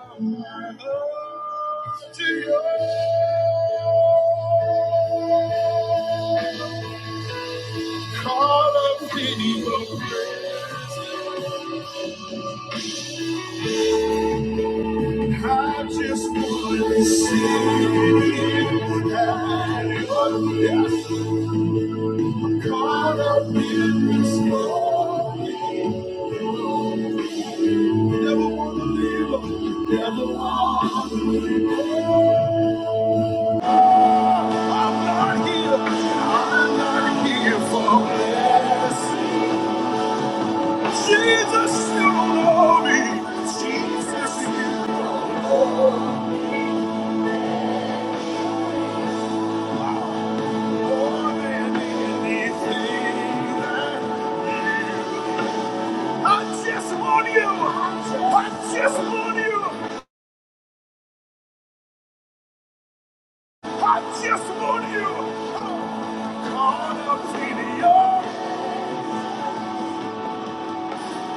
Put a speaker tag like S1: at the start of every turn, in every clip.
S1: Call up any of I just wanna sit here and I'm caught up in this moment. Never wanna live, never wanna live. I'm not here, I'm not here for this. Jesus, you know me. Jesus, you know more than anything that you- I just want you. I just want you. I just want you. I'm caught up in you.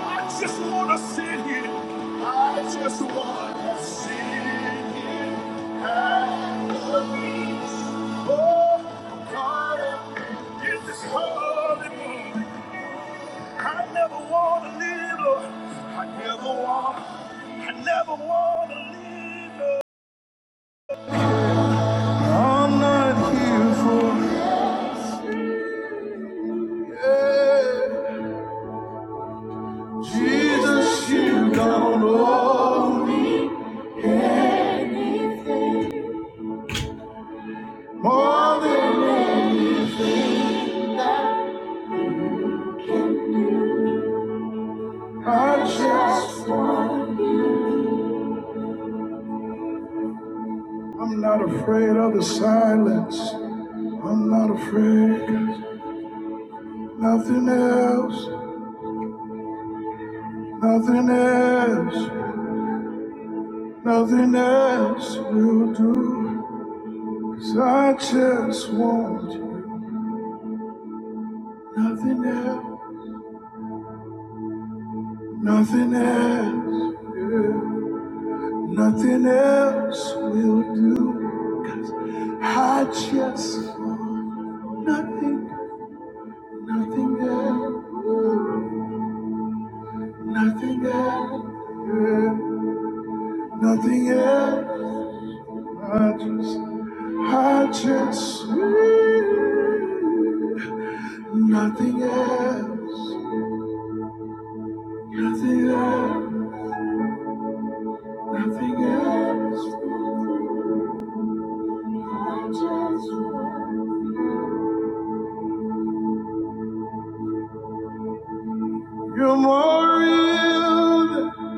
S1: I just wanna sit here. I just wanna sit here and praise. Oh, God, in this holy moment, I never wanna live. uh, I never wanna. I never wanna live. uh. I'm not here for yeah. Jesus. You don't know me more than. I just want. I'm not afraid of the silence. I'm not afraid. Nothing else, nothing else, nothing else will do. 'Cause I just want you. Nothing else, nothing else, yeah. nothing else will do. I just want nothing, nothing else, nothing else. Yeah. Nothing else. I just, I just need nothing else. Nothing else. Nothing else. I just want- You're more real than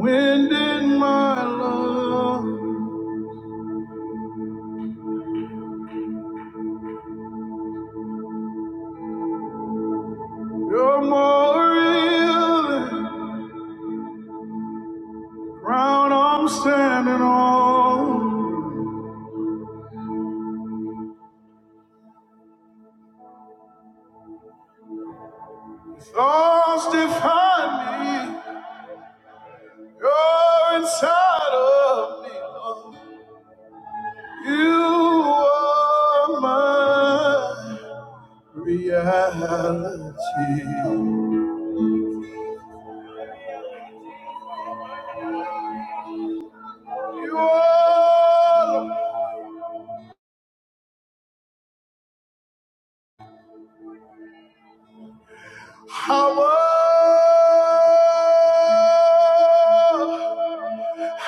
S1: wind in my lungs. You're more real than ground I'm standing on. Thoughts define me. You're inside of me, Lord. You are my reality. You are power.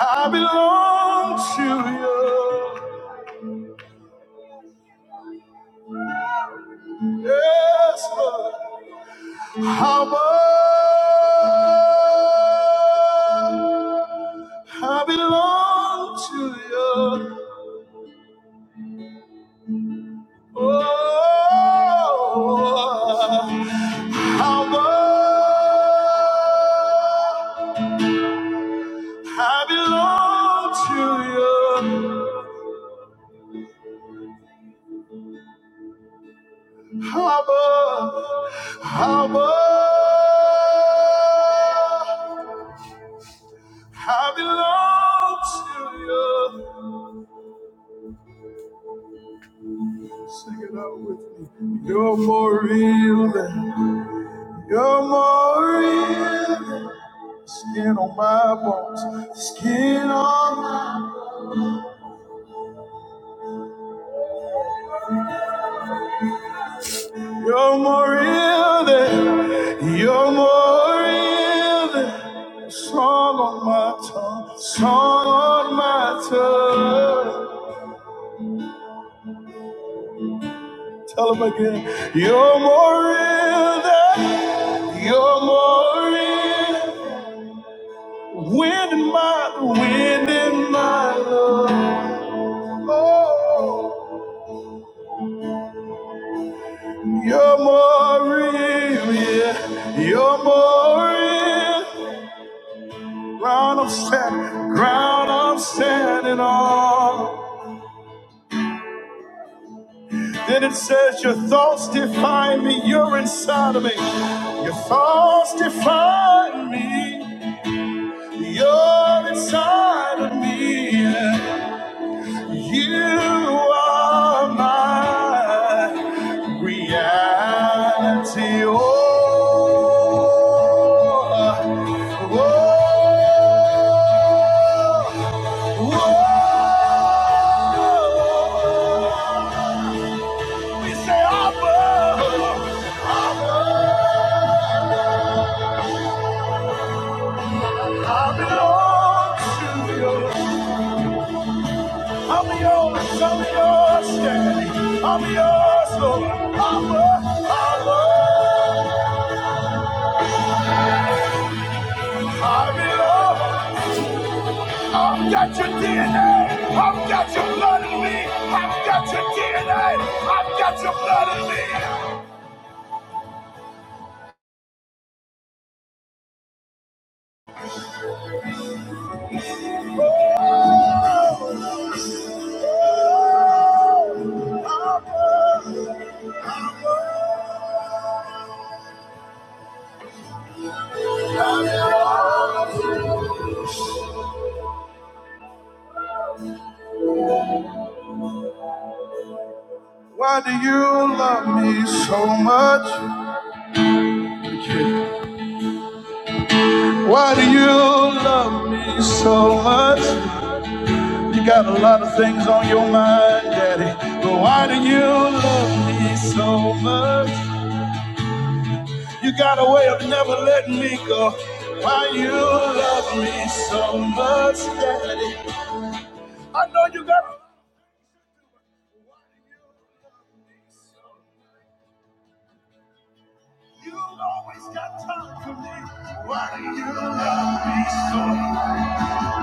S1: I belong to you. Yes, Lord. Power. I belong to you. Oh, how I belong to you. How much, I belong to you. Sing it out with me. You're more real than you're more real. than. Skin on my bones, skin on my. You're more real than, you're more real than. Song on my tongue, song on my tongue. Tell them again, you're more real than, you're more real. Wind in my, wind in my love. Oh. You're more real, yeah. You're more real. Ground I'm standing, ground I'm standing on. Then it says, Your thoughts define me. You're inside of me. Your thoughts define me. You're inside of me. Yeah. You are my reality. Oh, oh, oh. oh. We say, Abba, Abba, I belong to you. I'm yours, I'm yours, yeah. I'm yours, Lord. I Abba, Abba. I'm in love. I've got your DNA. have got your blood in me. I've got your DNA. have got your blood in me. Why do you love me so much? Why do you love me so much? You got a lot of things on your mind, Daddy. But why do you love me so much? You got a way of never letting me go. Why you love me so much, Daddy? I know you got. You always got time for me. Why do you love me so?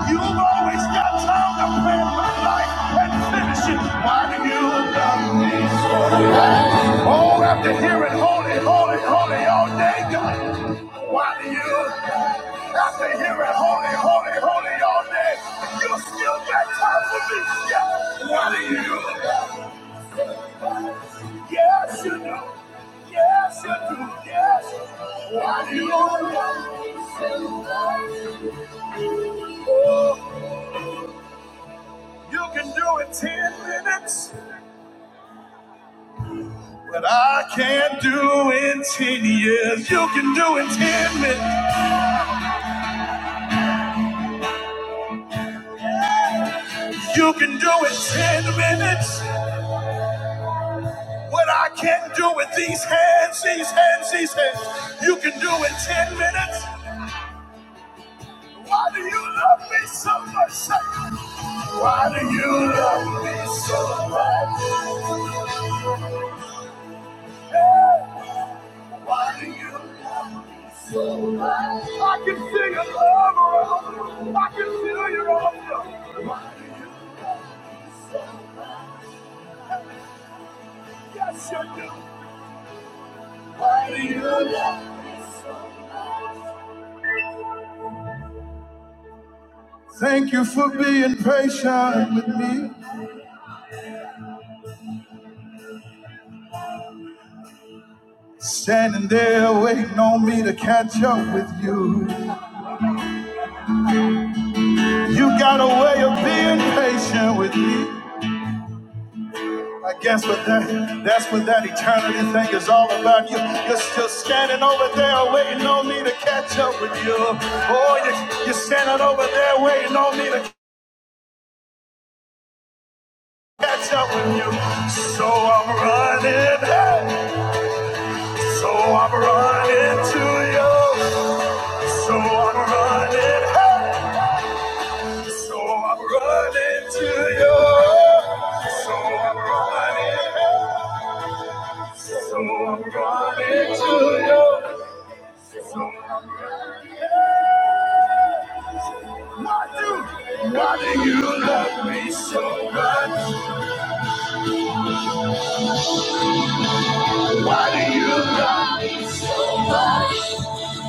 S1: You've always got time to plan my life and finish it. Why do you love me so? Oh, after hearing holy, holy, holy all day, God. Why do you, after hearing holy, holy, holy all day, you still got time for me? Yeah. Why do you? Yes, you do. Yes, you do. Yes. Why do you want You can do it 10 minutes, but I can't do it 10 years. You can do it 10 minutes. You can do it 10 minutes. What I can't do with these hands, these hands, these hands. You can do it 10 minutes. Why do you love me so much? Why do you love me so much? Why do you love me so much? I can see your love around I can feel your love. Why do you love me so much? Yes, you do. Why do you love me so much? Thank you for being patient with me. Standing there waiting on me to catch up with you. You got a way of being patient with me. I guess what that that's what that eternity thing is all about. You you're still standing over there waiting on me to catch up with you. Oh, you, you're standing over there waiting on me to catch up with you. So I'm running, hey, so I'm running to you. So I'm running, hey, so I'm running to you. So I'm running, hey, so I'm running to you. Why do, why do you love me so much? Why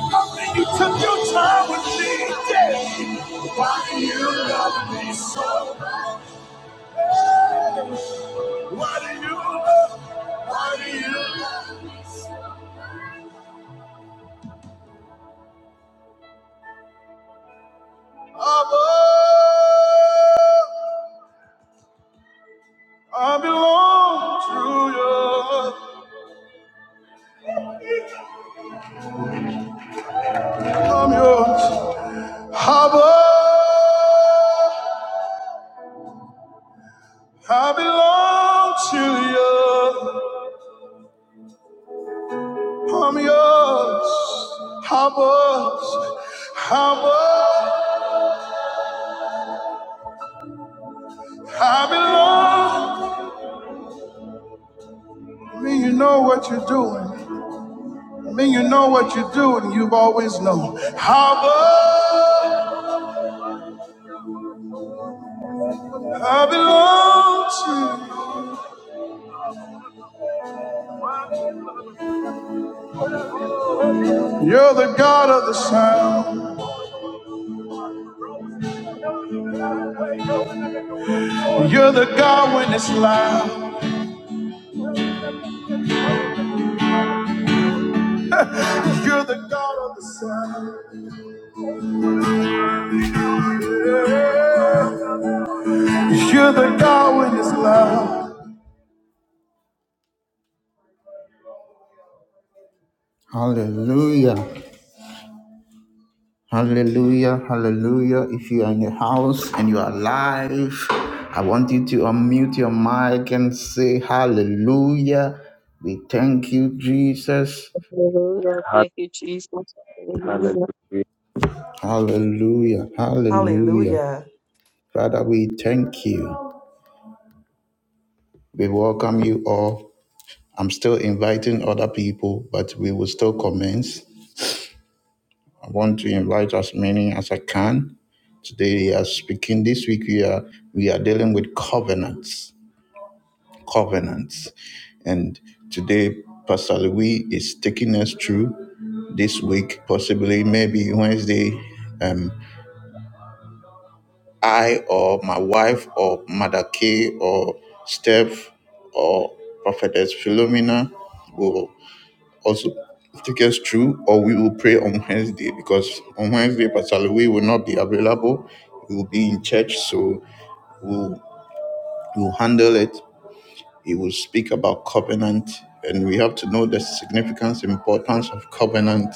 S1: do you took your time with me, Daddy? Why do you love me so much? Why do you love me you? Abba, I belong to you. I'm yours. Abba, I belong to you. I'm yours. I'm yours. I'm yours. I belong. I mean, you know what you're doing. I mean, you know what you're doing. You've always known. I'm yours. I belong to you. You're the God of the sound. You're the God when it's loud. You're the God of the sound. You're the God with his love. Hallelujah. Hallelujah. Hallelujah. If you are in your house and you are alive, I want you to unmute your mic and say hallelujah. We thank you, Jesus.
S2: Hallelujah.
S3: Heart,
S2: Thank you, Jesus.
S3: Hallelujah.
S2: Hallelujah.
S1: Hallelujah. Hallelujah.
S4: Hallelujah.
S1: Father, we thank you. We welcome you all. I'm still inviting other people, but we will still commence. I want to invite as many as I can. Today we are speaking. This week we are we are dealing with covenants, covenants, and today Pastor Louis is taking us through this week. Possibly, maybe Wednesday, um, I or my wife or Mother K or Steph or Prophetess Philomena will. also take us through, or we will pray on Wednesday because on Wednesday, Pastor Louis will not be available. He will be in church, so we'll, we'll handle it. He will speak about covenant, and we have to know the significance, importance of covenant,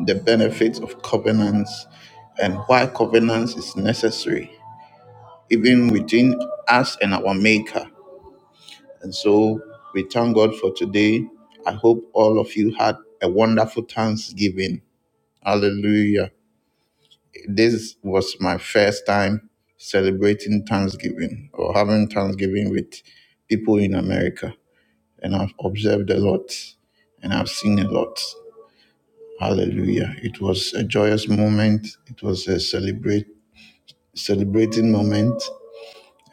S1: the benefits of covenants, and why covenants is necessary, even within us and our Maker. And so we thank God for today. I hope all of you had a wonderful Thanksgiving Hallelujah. This was my first time celebrating Thanksgiving or having Thanksgiving with people in America. And I've observed a lot and I've seen a lot. Hallelujah. It was a joyous moment. It was a celebrate celebrating moment.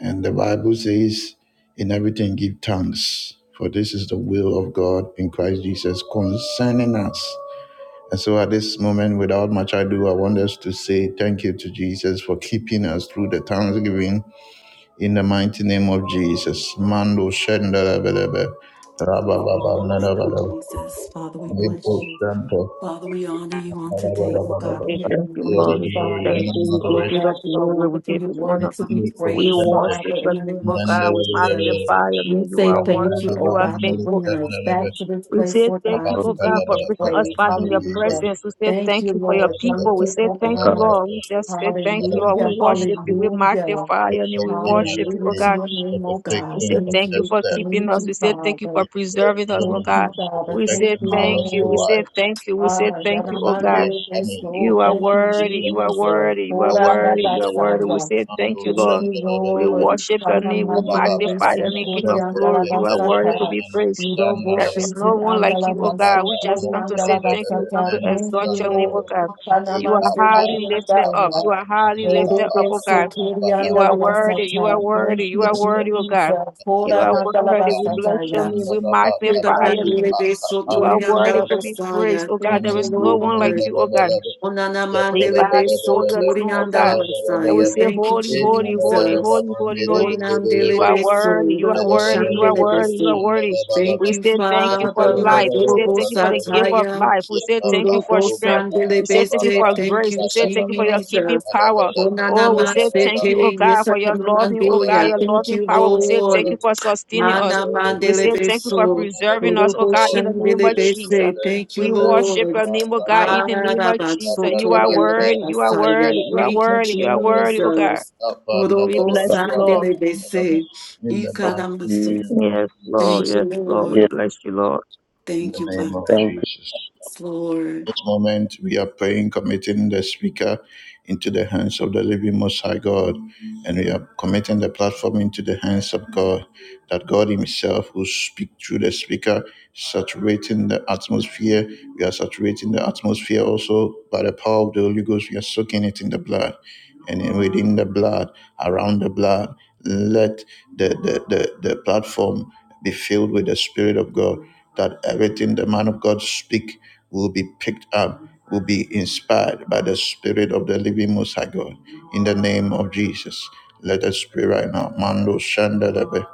S1: And the Bible says, in everything give thanks. For this is the will of God in Christ Jesus concerning us. And so at this moment, without much ado, I want us to say thank you to Jesus for keeping us through the thanksgiving in the mighty name of Jesus. Mando shenda belebe. Rabba
S4: Hallelujah.
S1: baba nada
S4: Thank you, Jesus. Father, we bless you.
S1: shanto.
S4: Father, we honor you on
S1: Rabba
S4: today.
S2: Bless
S4: Oh
S2: you. We
S4: God,
S2: say
S4: we
S2: thank you,
S1: You are
S4: acknowledge
S1: the
S2: Lord.
S4: you,
S2: We say
S1: glory
S2: thank
S4: Father.
S2: you.
S1: and
S2: We give
S4: Oh
S2: you
S1: adoration.
S2: the
S4: God, you are
S2: glory. We
S4: wonderful.
S2: give
S4: You're
S2: you
S4: worthy
S2: honor.
S4: to be
S1: Lepo
S2: We
S4: praised,
S1: shanto.
S4: Father,
S2: worship
S4: in
S2: the
S4: the
S2: name
S4: name
S2: of
S4: of
S2: God.
S1: Mandela
S2: We
S4: Jesus.
S1: belebe.
S2: magnify your
S4: We
S2: name. You
S4: say
S2: are
S1: Rabba
S4: thank you,
S2: worthy.
S4: oh
S1: baba
S2: You are
S4: God, for
S2: faithful.
S4: bringing
S1: nada
S4: us
S1: belebe.
S4: back to this
S2: We
S4: place,
S2: say
S4: oh
S2: thank
S1: Rabba
S4: God,
S2: you,
S3: Lord
S4: to
S2: oh
S4: give
S2: God, for
S4: you
S1: baba
S2: bringing us
S4: praise.
S2: back in your
S4: Hallelujah.
S2: presence. We say
S4: Thank
S2: thank
S4: you,
S2: you for your
S4: Lord.
S2: people.
S4: Thank
S2: We
S4: you,
S2: say
S4: oh
S2: thank
S1: Father,
S2: you,
S3: God,
S4: God.
S2: Lord. We just say thank you,
S1: we
S2: Lord. We
S4: Hallelujah.
S1: say thank
S2: worship you.
S1: you
S2: We
S4: Hallelujah.
S2: magnify
S1: for
S2: your name. We
S1: certain
S2: worship you,
S4: Hallelujah
S2: oh
S4: to
S2: God.
S1: matters,
S4: your
S1: for
S4: name, oh
S2: We
S4: God.
S2: say
S1: protecting from
S4: Thank
S2: thank you
S1: the
S4: you.
S2: for
S1: step.
S2: keeping
S4: Thank
S1: for
S2: us. We
S4: you,
S2: say thank you
S4: Father.
S2: for
S1: that's
S2: preserving us, oh
S4: Thank
S1: limited.
S2: God.
S4: you,
S1: The
S4: Father.
S2: We
S4: Thank
S2: say
S1: protection
S4: you,
S1: out of
S2: thank you.
S1: the
S2: We say
S4: Lord.
S1: wife,
S2: thank you. We say
S4: Ah,
S1: protection
S2: thank
S1: for
S2: you, oh
S1: salary
S2: God.
S1: and
S4: Yanamande
S1: family,
S4: Resto.
S2: You are
S4: Thank you,
S2: worthy,
S1: education,
S2: you are
S4: Jesus.
S2: worthy, you are
S1: other
S4: Koranda
S2: worthy, you are
S1: education,
S2: worthy. We
S4: Basaya.
S2: say
S1: and the
S2: thank you,
S4: Thank
S1: send
S2: Lord.
S4: you,
S1: the the
S2: We
S1: the
S4: Lord.
S1: the
S2: worship your name, we
S1: Baba
S4: Yanamande
S1: Baba
S2: magnify
S1: Baba
S2: your
S4: Resto.
S1: no
S2: name, King
S1: send
S2: of
S1: the
S4: Korianda la
S2: glory.
S1: the
S2: You
S1: the
S2: are
S1: the
S2: worthy
S1: the
S2: to
S4: Basata.
S2: be
S1: and will
S2: praised.
S1: send
S4: Uro
S1: the
S2: There
S1: the the
S2: is
S4: Bosheti
S2: no one like
S4: Andala
S2: you, oh
S1: Baba
S2: God.
S4: Manso.
S2: We
S1: Baba no
S2: just come to
S4: Korianda la
S1: send
S2: say
S1: the
S2: thank
S1: the
S2: you.
S1: the
S2: We come
S4: Basata.
S2: to
S1: and
S4: Thank
S2: exalt
S4: you,
S2: your
S1: the
S2: name,
S1: the
S2: oh
S4: Lord.
S2: God.
S1: the E
S2: You are
S4: Yanamande
S1: Baba
S2: highly lifted up.
S1: Baba
S4: Korianda.
S2: You are highly
S1: Mandala
S2: lifted
S4: Erebe
S2: up, oh
S1: Baba
S2: God.
S1: Baba Baba
S2: You
S4: Sotorianda
S2: are
S4: la
S1: and the
S2: worthy, you are
S4: Basata.
S1: soon
S4: Thank
S2: worthy, you
S4: you,
S2: are worthy, oh
S1: the
S2: God.
S1: เสร็จเพิ่มการการเวลาตาตาวิปาตาพันเพิ่มเสร็จมันมันดีมันเดลเดลเดลเยอะเดลเดลเดลเดลอะไรเดลเดลเดลเอ็นเดลเดลเดลมันเดลเดลเดลเดลเดลเดลเดลเดลมันเดลเดลเดลยันเดลเดลเดลเดลเดลเดลเยอะบาบาลูบาบาลาบาบาลีบาบาลาบามุลาบาลาบาบา
S4: Jesus.
S2: You are
S4: Koranda la
S2: worthy. We bless your
S4: Basata.
S2: name. We
S4: Thank
S2: magnify your name. You are worthy to be praised, oh God. There
S4: you,
S2: is no one
S4: Lord.
S2: like you, oh God.
S4: Onana
S2: We
S4: mandele
S2: bow
S4: beso
S2: before your
S4: tori
S2: throne, oh
S4: andala
S2: God. And we
S4: basaya.
S2: say,
S4: Thank you,
S2: Holy, holy, holy,
S4: Jesus.
S2: holy, holy, holy. You
S4: Onandele
S2: are
S4: beso,
S2: worthy, you are
S4: robo
S2: worthy, you are
S4: shandele
S2: worthy, you are
S4: beso.
S2: worthy.
S4: Thank
S2: We
S4: you,
S2: say thank you for
S4: Father.
S2: life. We say
S4: Mandorobo
S2: thank you for the gift of
S4: sataya.
S2: life. We say thank you for
S4: Robo
S2: strength.
S4: sandele
S2: We say thank you
S4: bese.
S2: for
S4: Thank
S2: grace.
S4: you,
S2: We say thank you for your keeping
S4: Jesus.
S2: power.
S4: Onana
S2: Oh, we say thank you, oh
S4: maseke.
S2: God,
S4: Yes, I
S2: for your
S4: can
S1: in
S2: loving, oh God,
S4: mandoya.
S2: your
S4: Thank
S2: loving
S4: you,
S2: power. We say thank you
S4: Lord.
S2: for sustaining us.
S4: Mana
S2: We
S4: mandele
S2: say thank you for
S4: beso.
S2: preserving us, oh
S4: Robo
S2: God, in the name
S4: shandele
S2: of Jesus.
S4: bese. Thank you,
S2: We worship
S4: Lord.
S2: your name, oh God, in the name of Jesus. You are worthy, you are worthy,
S4: Arabasotoyandabasaya.
S2: you are
S4: Thank you,
S2: worthy, you are worthy, oh God.
S4: Jesus.
S2: We
S3: but
S2: bless you, Lord.
S4: Orobosandelebese.
S1: the
S3: Lord,
S1: mighty
S4: Ikaramaso.
S3: we
S1: name of
S2: Yes,
S1: Jesus.
S2: Lord,
S4: Thank you,
S2: yes, Lord. We
S3: give
S4: Lord.
S2: bless you, Lord.
S1: In the
S4: Thank you,
S1: name of
S4: Father.
S3: thanks
S1: Jesus
S4: Yes, Lord,
S1: this moment, we are praying, committing the speaker into the hands of the living Most High God, and we are committing the platform into the hands of God, that God Himself will speak through the speaker, saturating the atmosphere. We are saturating the atmosphere also by the power of the Holy Ghost. We are soaking it in the blood, and in- within the blood, around the blood, let the, the, the, the platform be filled with the Spirit of God, that everything the man of God speak will be picked up, will be inspired by the Spirit of the Living Most High God. In the name of Jesus, let us pray right now. Mando shandalebe,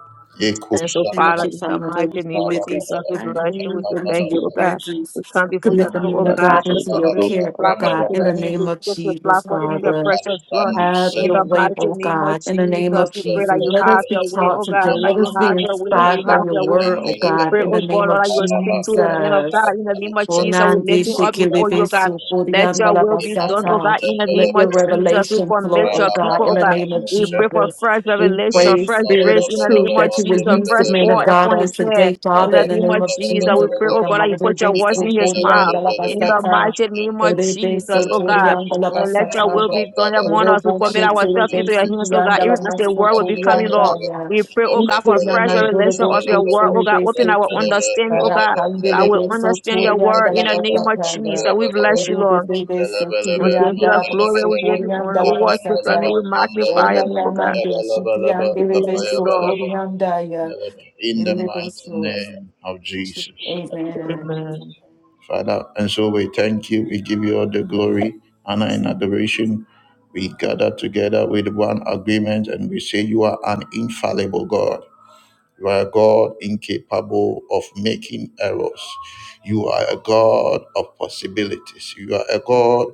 S1: yeko
S2: And so,
S4: thank
S2: Father,
S4: you,
S2: in
S1: shandalebe,
S2: the
S4: Father. that We
S2: mighty name of
S4: commit
S1: rabalaba,
S2: Jesus,
S4: this
S2: we bless you. We
S4: platform
S2: say
S4: unto
S2: thank
S4: your
S2: you, oh
S1: rabalaba,
S2: God.
S4: presence.
S2: We come before your
S4: Commit the
S2: throne,
S3: to
S2: oh
S4: man
S1: mamamama,
S4: of
S3: God. We
S2: God,
S4: God
S3: give
S2: just
S4: into your
S3: so
S2: submitting the
S4: care, oh
S2: platform
S4: God,
S2: into
S4: in
S2: the
S4: the
S2: hands
S4: name
S2: of
S4: of
S2: put the
S4: Jesus,
S2: platform in
S1: yeko
S2: your
S4: Father.
S1: pali,
S2: precious blood.
S1: sandu
S4: Have
S2: In
S4: your
S2: the
S1: sende.
S4: way,
S2: mighty
S4: oh
S2: name of
S4: God, in the name of
S2: Jesus, we pray that
S4: Jesus.
S2: you
S4: Let
S2: have
S4: us be
S2: your way,
S4: taught
S2: oh God,
S4: today.
S1: Mama,
S2: that
S4: Let
S2: you
S4: us
S1: mama,
S4: be
S2: have
S1: mama,
S2: your way,
S1: no
S2: that you
S4: inspired by
S2: have
S4: your
S1: strength
S2: your
S1: in
S2: way.
S4: word, oh
S2: We
S1: Nangalada.
S4: God,
S2: pray,
S4: in the
S2: oh
S4: name
S2: God, Lord,
S4: of
S2: that you will
S1: Baba,
S2: speak to the
S1: Baba,
S2: men of
S4: Jesus.
S2: God. In the
S1: no
S2: name of Jesus,
S1: strength
S2: we
S4: Onandi
S2: lift
S1: in
S2: you
S1: the
S2: up before you,
S4: shikilibi
S2: oh
S1: mama, it
S2: God.
S1: numbers and
S2: Let
S4: sukurianda
S2: your
S4: la
S2: will be done,
S1: Inandu
S2: oh
S4: basata.
S2: God, in the name
S4: Let your
S1: Sangalada.
S2: of Jesus. We
S4: revelation flow,
S2: commit
S4: oh
S2: your
S1: Baba,
S4: God,
S2: people,
S4: in
S1: Baba,
S2: oh
S4: the
S2: God.
S4: name of
S1: no
S2: We pray
S1: strength.
S2: for
S4: Jesus.
S2: fresh
S4: We
S2: revelation,
S4: pray,
S2: fresh
S4: Spirit
S1: Inandu
S4: of
S2: grace in the name
S4: Truth,
S1: Sangalada.
S2: of
S4: that you will
S2: Jesus,
S4: use the
S2: fresh
S4: man of
S2: oil
S4: God
S2: upon
S4: on
S2: his head.
S4: today,
S2: In
S4: Father,
S2: the
S4: in the
S2: name
S4: name
S2: of
S4: of
S2: Jesus, we
S4: Jesus,
S2: pray,
S4: oh
S2: oh
S4: God.
S2: God, that you put your
S4: Rebe
S2: words in his mouth.
S4: sukurianda la
S2: In the
S4: basata.
S2: mighty name of
S4: Rebe
S2: Jesus, oh God,
S4: sukurianda la
S2: and let your will
S4: basata.
S2: be done among us. We
S4: Robo
S2: commit ourselves
S4: shetelebe
S2: into your hands, oh God,
S4: sukurianda la
S2: even as the word will be coming, Lord.
S4: masukurianda ya.
S2: We pray, oh God, for fresh revelation of your word, oh God. Open our understanding, oh God, that
S4: Rakandele
S2: we
S4: beso
S2: understand your
S4: torian
S2: word in
S4: dala
S2: the
S3: much
S2: name
S4: basa
S2: of Jesus.
S4: tanga.
S2: We bless you,
S4: Oro de
S2: Lord.
S4: bebe so
S2: We give
S4: tirian
S2: you the
S4: dala
S2: glory,
S4: baso
S2: we give you
S4: torian
S2: honor,
S4: dala
S2: we
S1: Mandalaba,
S4: basa
S2: worship your name,
S4: tanga.
S2: we magnify
S1: Mandalaba,
S2: your
S4: Ona
S2: name, oh God.
S4: namande
S1: Yabalaba,
S4: shikian
S2: We
S4: dele
S2: bless
S1: Papaya
S2: you,
S4: beso
S2: Lord.
S1: Balaba,
S4: torian daya.
S1: in the
S4: Yende
S1: mighty
S4: beso.
S1: name of Jesus,
S4: Amen.
S2: Amen.
S1: Father. And so we thank you. We give you all the glory, honor, and adoration. We gather together with one agreement and we say, You are an infallible God. You are a God incapable of making errors. You are a God of possibilities. You are a God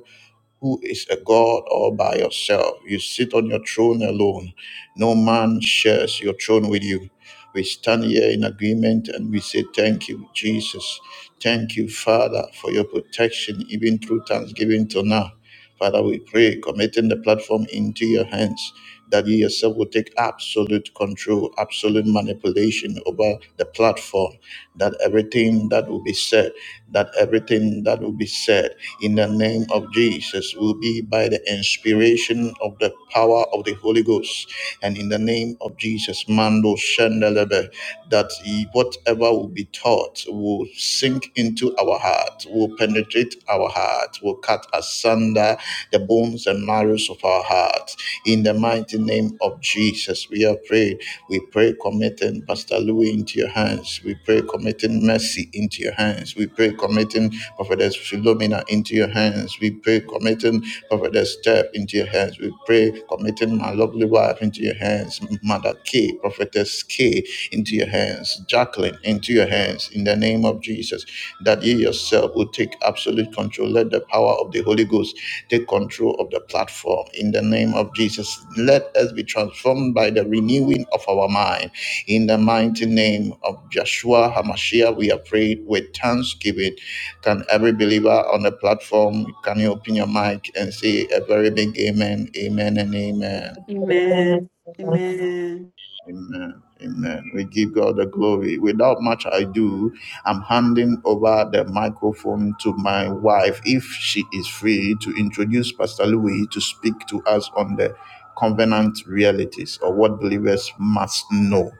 S1: who is a God all by yourself. You sit on your throne alone. No man shares your throne with you. We stand here in agreement and we say, Thank you, Jesus. Thank you, Father, for your protection, even through thanksgiving till now. Father, we pray, committing the platform into your hands that you yourself will take absolute control, absolute manipulation over the platform, that everything that will be said, that everything that will be said in the name of Jesus will be by the inspiration of the power of the Holy Ghost. And in the name of Jesus, Mando Shendelebe, that whatever will be taught, thoughts will sink into our heart, will penetrate our heart, will cut asunder the bones and marrow of our heart. In the mighty name of Jesus, we have prayed. We pray committing Pastor Louis into your hands. We pray committing Mercy into your hands. We pray committing Prophetess Philomena into your hands. We pray committing Prophetess the step into your hands. We pray, committing my lovely wife into your hands, Mother K, Prophetess K, into your hands, Jacqueline, into your hands, in the name of Jesus, that you yourself will take absolute control. Let the power of the Holy Ghost take control of the platform, in the name of Jesus. Let us be transformed by the renewing of our mind. In the mighty name of Joshua HaMashiach, we are prayed with thanksgiving. Can every believer on the platform, can you open your mic and say a very big amen, amen, and amen?
S2: Amen.
S4: Amen.
S2: Amen.
S4: Amen.
S1: Amen. Amen. We give God the glory. Without much ado, I'm handing over the microphone to my wife, if she is free, to introduce Pastor Louis to speak to us on the covenant realities or what believers must know.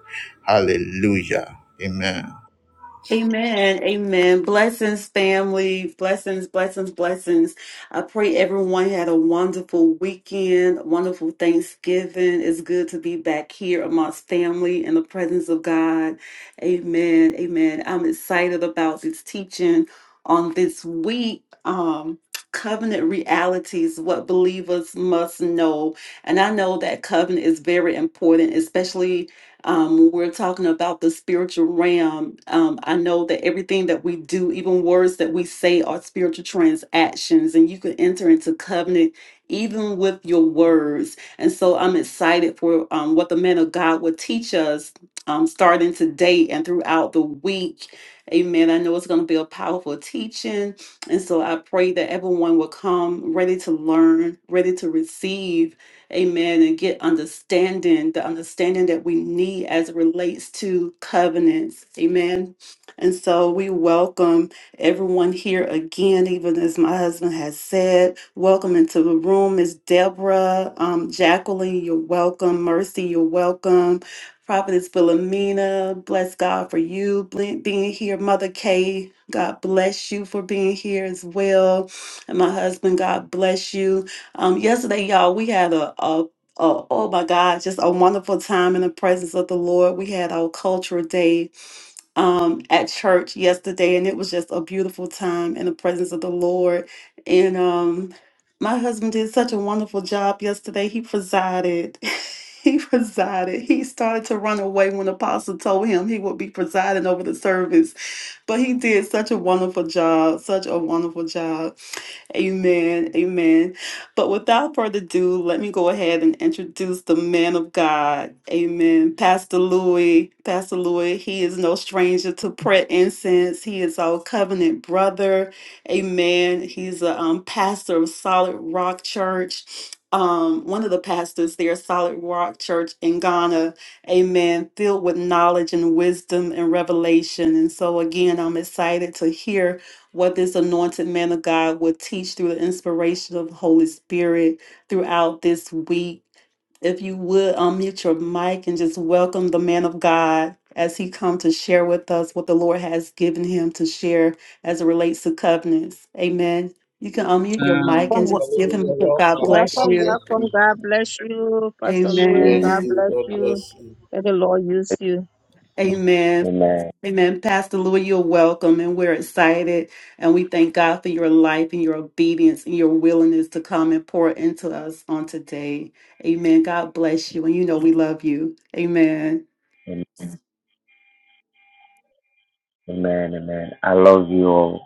S1: Hallelujah. Amen.
S4: Amen. Amen. Blessings, family. Blessings, blessings, blessings. I pray everyone had a wonderful weekend, a wonderful Thanksgiving. It's good to be back here amongst family in the presence of God. Amen. Amen. I'm excited about this teaching on this week. Um, Covenant realities, what believers must know. And I know that covenant is very important, especially um, we're talking about the spiritual realm, um, I know that everything that we do, even words that we say, are spiritual transactions, and you can enter into covenant even with your words. And so I'm excited for um, what the man of God will teach us um, starting today and throughout the week. Amen. I know it's going to be a powerful teaching. And so I pray that everyone will come ready to learn, ready to receive amen, and get understanding, the understanding that we need as it relates to covenants, amen. And so we welcome everyone here again, even as my husband has said. Welcome into the room, Miss Deborah, um, Jacqueline, you're welcome. Mercy, you're welcome. Prophetess Philomena, bless God for you ble- being here. Mother Kay, God bless you for being here as well. And my husband, God bless you. Um, yesterday, y'all, we had a, a, a oh my God, just a wonderful time in the presence of the Lord. We had our cultural day um at church yesterday, and it was just a beautiful time in the presence of the Lord. And um, my husband did such a wonderful job yesterday. He presided. He presided. He started to run away when Apostle told him he would be presiding over the service. But he did such a wonderful job, such a wonderful job. Amen. Amen. But without further ado, let me go ahead and introduce the man of God. Amen. Pastor Louis. Pastor Louis, he is no stranger to prayer incense. He is our covenant brother. Amen. He's a um, pastor of Solid Rock Church. Um, one of the pastors there, Solid Rock Church in Ghana, amen, filled with knowledge and wisdom and revelation. And so, again, I'm excited to hear what this anointed man of God would teach through the inspiration of the Holy Spirit throughout this week. If you would unmute your mic and just welcome the man of God as he comes to share with us what the Lord has given him to share as it relates to covenants. Amen. You can unmute your mic
S1: And
S4: and
S2: Come,
S1: Pastor
S4: just give
S1: Louis,
S4: him
S1: you're
S4: God
S1: welcome.
S4: bless
S1: God
S2: Welcome,
S4: you.
S1: bless
S2: welcome.
S1: you.
S2: God bless you, Pastor
S3: to
S2: Louis.
S3: you.
S1: Bless
S2: God
S4: Amen.
S1: you.
S2: bless
S1: God
S2: you.
S1: bless you.
S2: May the Lord use you.
S4: Amen.
S3: Amen.
S4: Amen. Pastor Louis, you're welcome, and we're excited. And we thank God for your life and your obedience and your willingness to come and pour into us on today. Amen. God bless you. And you know we love you. Amen.
S3: Amen. Amen. Amen. I love you all.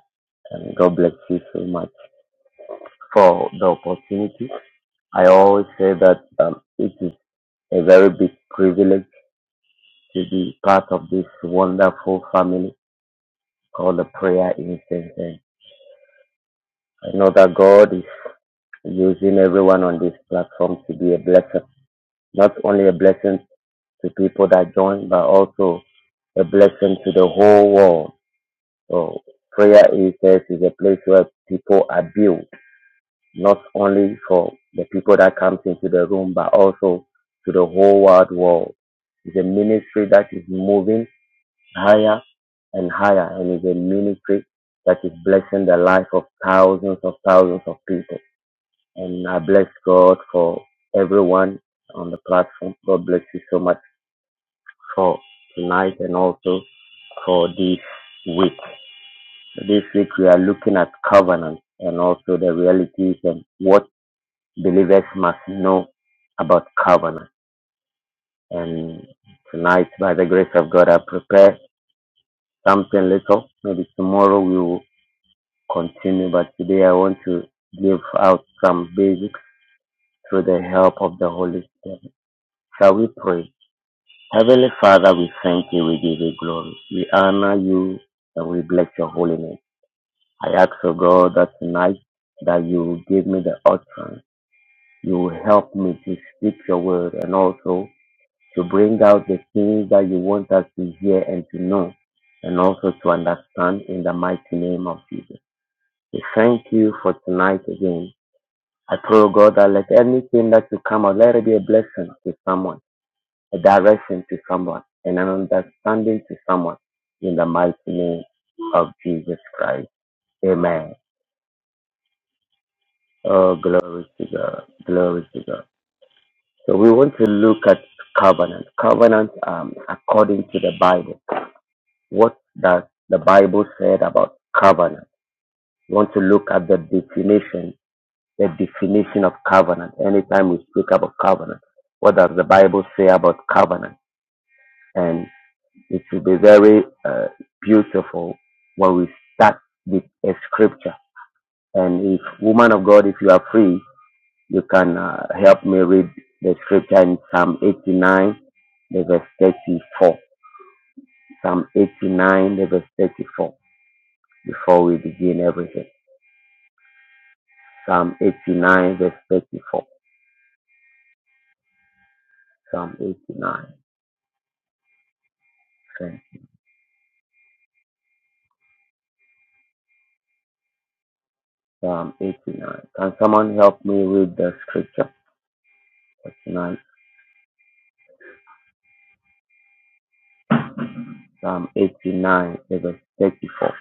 S3: And God bless you so much for the opportunity. I always say that um, it is a very big privilege to be part of this wonderful family called the Prayer Incense. And I know that God is using everyone on this platform to be a blessing, not only a blessing to people that join, but also a blessing to the whole world. So prayer it says, is a place where people are built, not only for the people that comes into the room, but also to the whole wide world. It's a ministry that is moving higher and higher, and it's a ministry that is blessing the life of thousands of thousands of people. And I bless God for everyone on the platform. God bless you so much for tonight and also for this week. This week we are looking at covenant and also the realities and what believers must know about covenant. And tonight, by the grace of God, I prepare something little. Maybe tomorrow we will continue, but today I want to give out some basics through the help of the Holy Spirit. Shall we pray? Heavenly Father, we thank you, we give you glory. We honor you and we bless your holy name. I ask, O God, that tonight that you will give me the utterance. You will help me to speak your word and also to bring out the things that you want us to hear and to know and also to understand in the mighty name of Jesus. We thank you for tonight again. I pray, O God, that let anything that you come out, let it be a blessing to someone a direction to someone, and an understanding to someone in the mighty name of Jesus Christ. Amen. Oh, glory to God. Glory to God. So we want to look at covenant. Covenant, um, according to the Bible. What does the Bible said about covenant? We want to look at the definition, the definition of covenant. Anytime we speak about covenant, what does the Bible say about covenant? And It will be very uh, beautiful when we start with a scripture. And if, woman of God, if you are free, you can uh, help me read the scripture in Psalm 89, the verse 34. Psalm 89, the verse 34, before we begin everything. Psalm 89, verse 34. Psalm 89. Okay. Psalm 89. Can someone help me read the scripture for tonight? Psalm 89, verse 34.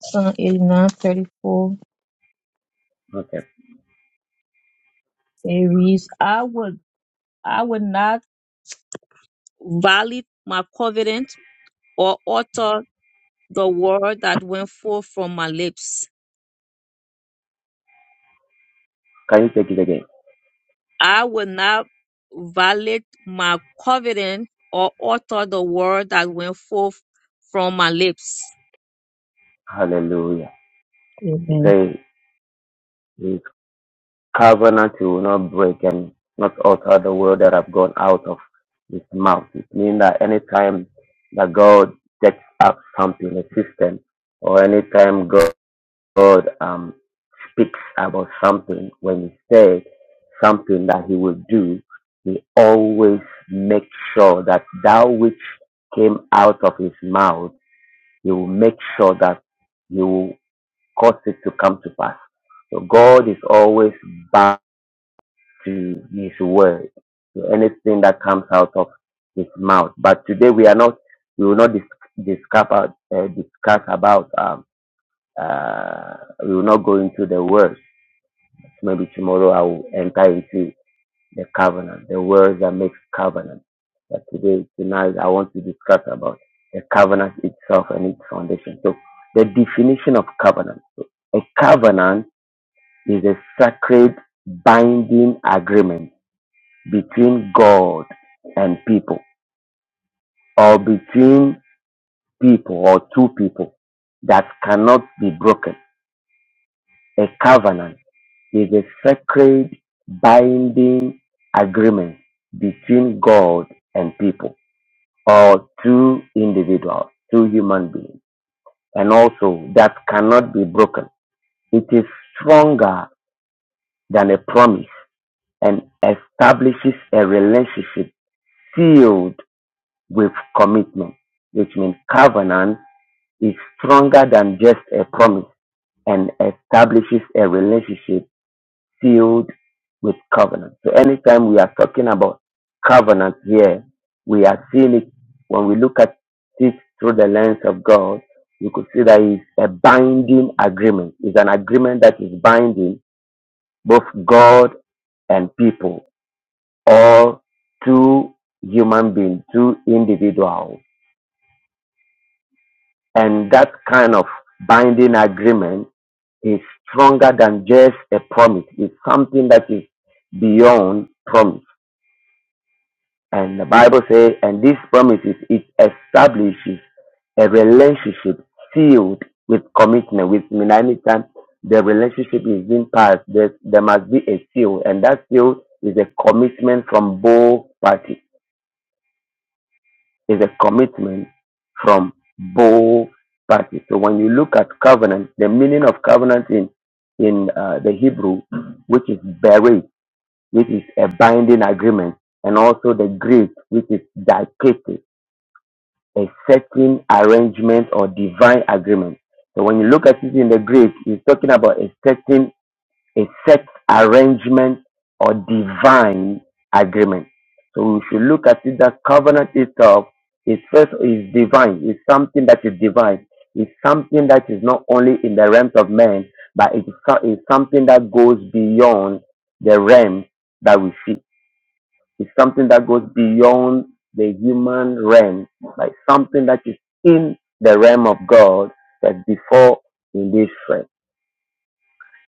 S2: Psalm 89 34.
S3: Okay.
S2: It reads, I would, I would not violate my covenant or alter the word that went forth from my lips.
S3: Can you take it again?
S2: I will not violate my covenant or alter the word that went forth from my lips.
S3: Hallelujah. He
S2: Amen.
S3: says his covenant he will not break and not alter the word that have gone out of his mouth. It means that anytime that God takes up something, a system, or anytime God, God um, speaks about something, when he said something that he will do, he always makes sure that that which came out of his mouth, he will make sure that you. cause it to come to pass. So God is always bound to His word, to anything that comes out of His mouth. But today we are not, we will not dis- discuss, about- uh, discuss about, um, uh, we will not go into the words. Maybe tomorrow I will enter into the covenant, the words that makes covenant. But today, tonight, I want to discuss about the covenant itself and its foundation. So, the definition of covenant. So, a covenant is a sacred binding agreement between God and people or between people or two people that cannot be broken. A covenant is a sacred binding agreement between God and people or two individuals, two human beings, and also that cannot be broken. It is stronger than a promise and establishes a relationship sealed with commitment, which means covenant is stronger than just a promise and establishes a relationship sealed with covenant. So anytime we are talking about covenant here, we are seeing it when we look at it through the lens of God, you could see that it's a binding agreement. It's an agreement that is binding both God and people or two human beings, two individuals. And that kind of binding agreement is stronger than just a promise. It's something that is beyond promise. And the Bible says, and this promise is it establishes a relationship sealed with commitment, which means anytime the relationship is being passed, there, there must be a seal, and that seal is a commitment from both parties. is a commitment from both parties. So when you look at covenant, the meaning of covenant in in uh, the Hebrew, which is beret, which is a binding agreement, and also the Greek, which is diketes, a certain arrangement or divine agreement. So when you look at it in the Greek, it's talking about a certain a set arrangement or divine agreement. So we should look at it that covenant itself is first is divine, It's something that is divine, It's something that is not only in the realms of men, but it is, so- is something that goes beyond the realm that we see. It's something that goes beyond the human realm, like something that is in the realm of God, but before in this realm.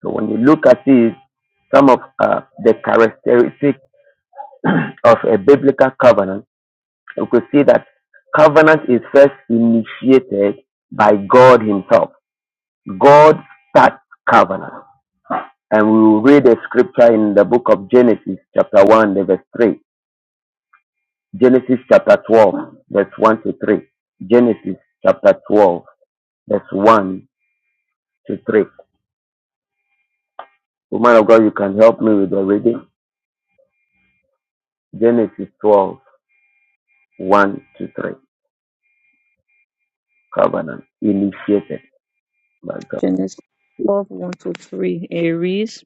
S3: So when you look at this, some of uh, the characteristics of a biblical covenant, you could see that covenant is first initiated by God Himself. God starts covenant. And we will read a scripture in the book of Genesis, chapter 1, the verse 3. Genesis chapter 12, verse 1 to 3. Genesis chapter 12, verse 1 to 3. Woman of God, you can help me with the reading. Genesis twelve, one to 3. covenant initiated by God.
S2: Genesis 12, 1 to 3. It reads,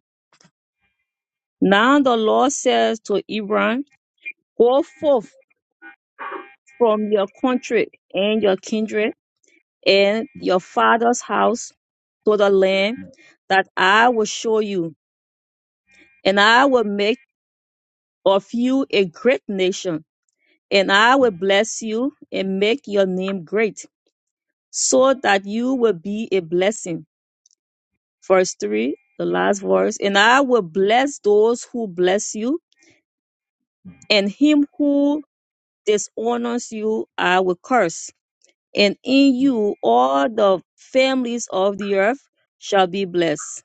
S2: Now the Lord says to Abraham, Go forth from your country and your kindred and your father's house to the land that I will show you, and I will make of you a great nation, and I will bless you and make your name great, so that you will be a blessing. Verse 3, the last verse, and I will bless those who bless you, and him who dishonors you, I will curse, and in you all the families of the earth shall be blessed.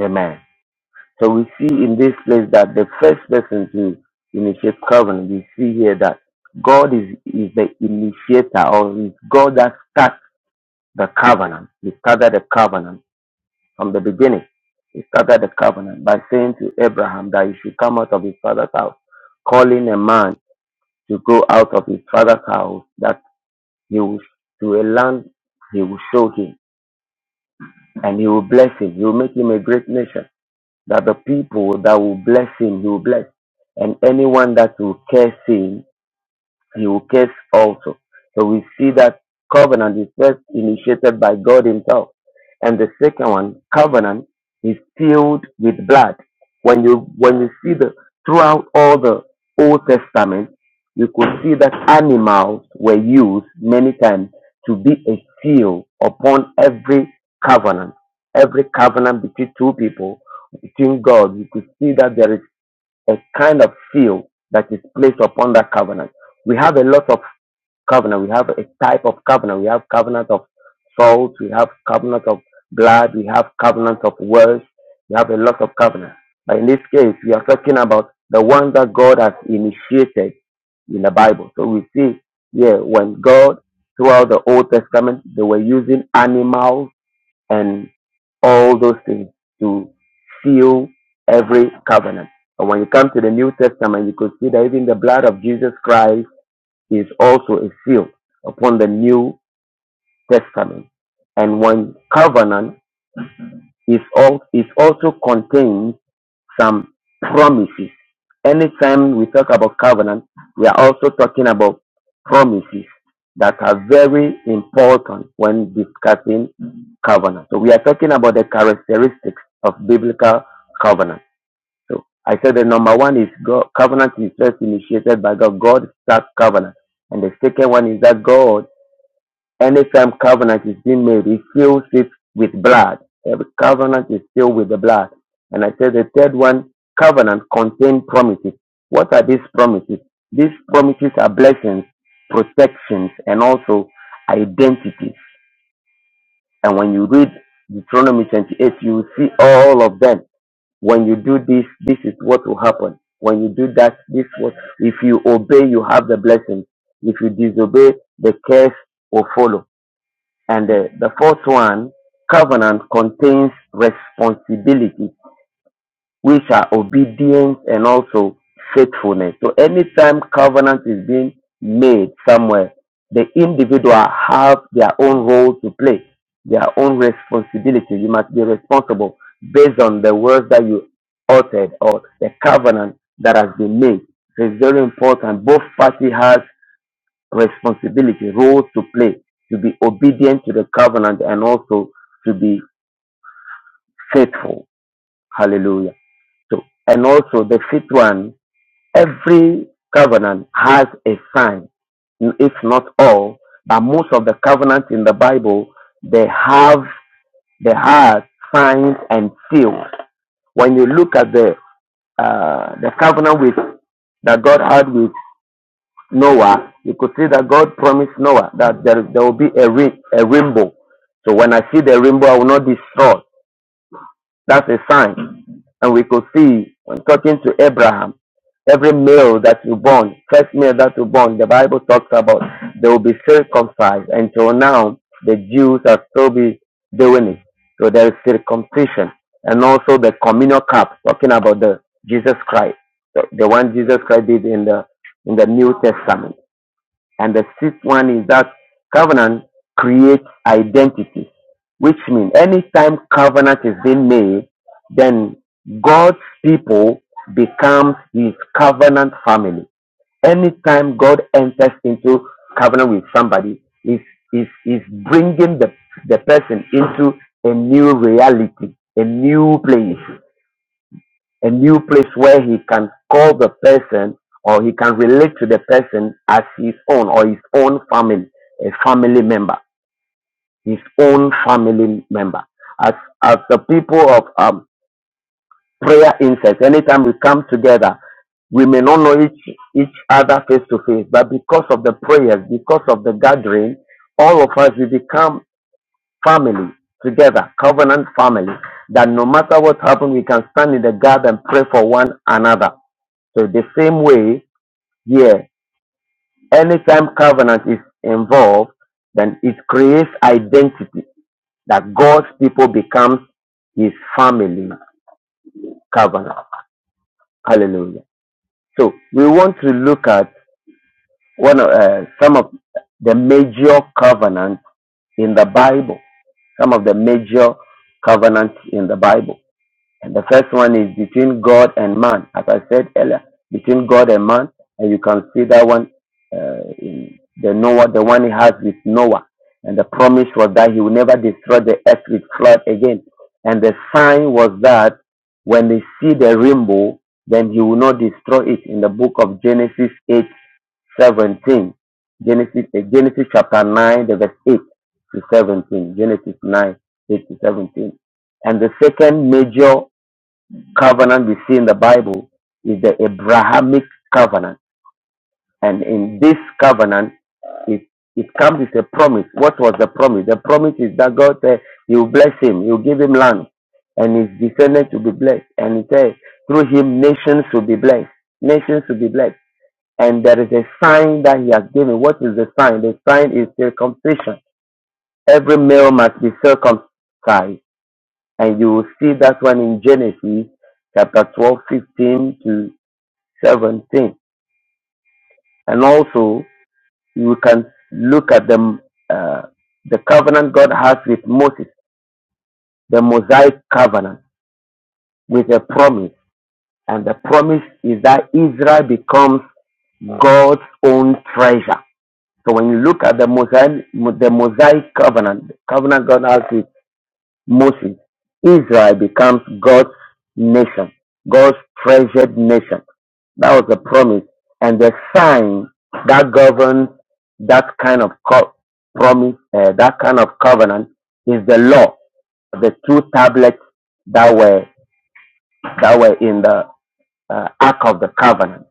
S3: Amen. So we see in this place that the first person to initiate covenant, we see here that God is, is the initiator or is God that starts the covenant. He started the covenant from the beginning. He started the covenant by saying to Abraham that he should come out of his father's house, calling a man to go out of his father's house that he will to a land he will show him and he will bless him. He will make him a great nation that the people that will bless him, he will bless. And anyone that will curse him, he will curse also. So we see that covenant is first initiated by God Himself. And the second one, covenant, is sealed with blood. When you when you see the throughout all the Old Testament, you could see that animals were used many times to be a seal upon every covenant. Every covenant between two people, between God, you could see that there is a kind of seal that is placed upon that covenant. We have a lot of covenant. We have a type of covenant. We have covenant of salt. We have covenant of blood. We have covenant of words. We have a lot of covenant. But in this case, we are talking about the one that God has initiated in the Bible. So we see, yeah, when God throughout the Old Testament, they were using animals and all those things to seal every covenant. And when you come to the New Testament, you could see that even the blood of Jesus Christ is also a seal upon the New Testament. And when covenant is, all, is also contained some promises. Anytime we talk about covenant, we are also talking about promises that are very important when discussing covenant. So we are talking about the characteristics of biblical covenant. So I said the number one is God, covenant is first initiated by God. God starts covenant. And the second one is that God Anytime covenant is being made, he seals it with blood. Every covenant is sealed with the blood. And I said the third one, covenant contain promises. What are these promises? These promises are blessings, protections, and also identity. And when you read Deuteronomy 28, you will see all of them. When you do this, this is what will happen. When you do that, this what if you obey, you have the blessing. If you disobey, the curse will follow. And the, the fourth one, covenant contains responsibility, which are obedience and also faithfulness. So anytime covenant is being made somewhere, the individual have their own role to play, their own responsibility. You must be responsible based on the words that you uttered or the covenant that has been made. So it's very important. Both party has responsibility, roles to play, to be obedient to the covenant and also to be faithful. Hallelujah. So, and also the fifth one, every covenant has a sign. If not all, but most of the covenants in the Bible, they have, they have signs and seals. When you look at the, uh, the covenant with, that God had with Noah, you could see that God promised Noah that there, there will be a, ring, a rainbow. So when I see the rainbow, I will not destroy. That's a sign. And we could see when talking to Abraham, every male that you born, first male that you born, the Bible talks about they will be circumcised. Until now, the Jews are still be doing it. So there is circumcision. And also the communal cup, talking about the Jesus Christ, the, the one Jesus Christ did in the in the New Testament. And the sixth one is that covenant creates identity, which means anytime covenant is being made, then God's people becomes his covenant family. Anytime God enters into covenant with somebody, is is is bringing the the person into a new reality, a new place a new place where he can call the person or he can relate to the person as his own or his own family, a family member, his own family member. As as the people of um, prayer incense, anytime we come together, we may not know each each other face to face, but because of the prayers, because of the gathering, all of us we become family together, covenant family. That no matter what happens, we can stand in the gap and pray for one another. So the same way, here, anytime covenant is involved, then it creates identity that God's people becomes his family covenant. Hallelujah. So we want to look at one of, uh, some of the major covenants in the Bible. Some of the major covenants in the Bible. And the first one is between God and man. As I said earlier, between God and man, and you can see that one uh, in the Noah, the one he has with Noah. And the promise was that he will never destroy the earth with flood again. And the sign was that when they see the rainbow, then he will not destroy it in the book of Genesis 8 17, Genesis, uh, Genesis chapter 9, the verse 8 to 17. Genesis 9, 8 to 17. And the second major covenant we see in the Bible is the Abrahamic covenant. And in this covenant, it, it comes with a promise. What was the promise? The promise is that God said, You bless him, you give him land, and his descendants will be blessed. And he said, Through him, nations will be blessed. Nations will be blessed. And there is a sign that he has given. What is the sign? The sign is circumcision. Every male must be circumcised. And you will see that one in Genesis chapter 12 15 to 17. And also, you can look at the, uh, the covenant God has with Moses, the Mosaic covenant, with a promise. And the promise is that Israel becomes God's own treasure. So when you look at the Mosaic, the Mosaic covenant, the covenant God has with Moses, Israel becomes God's nation, God's treasured nation. That was a promise. And the sign that governs that kind of co- promise, uh, that kind of covenant, is the law, the two tablets that were that were in the uh, Ark of the Covenant,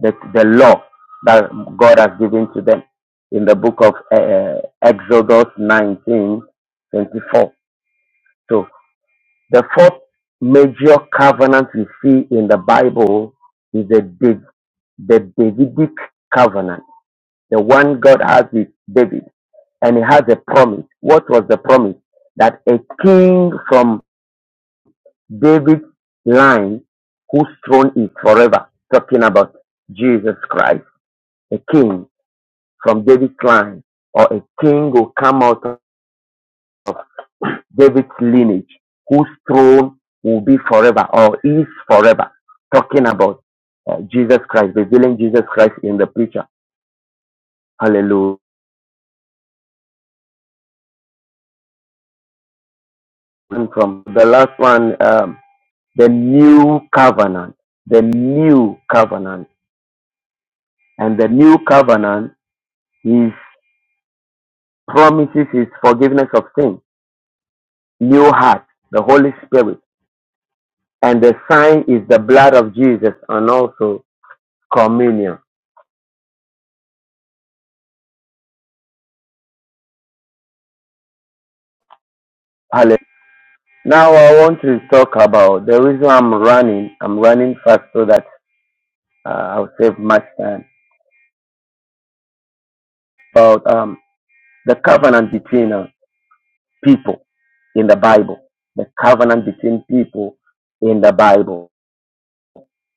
S3: the, the law that God has given to them in the book of uh, uh, Exodus 19 24. So the fourth major covenant we see in the Bible is the the Davidic covenant, the one God has with David, and he has a promise. What was the promise? That a king from David's line, whose throne is forever, talking about Jesus Christ, a king from David's line, or a king will come out of David's lineage, whose throne will be forever or is forever, talking about uh, Jesus Christ, revealing Jesus Christ in the picture. Hallelujah. one from the last one, um, the new covenant, the new covenant, and the new covenant is promises is forgiveness of sin, new heart, the Holy Spirit, and the sign is the blood of Jesus, and also communion. Hallelujah. Now I want to talk about the reason I'm running. I'm running fast so that uh, I'll save much time. About um, the covenant between us. people in the Bible, the covenant between people in the Bible.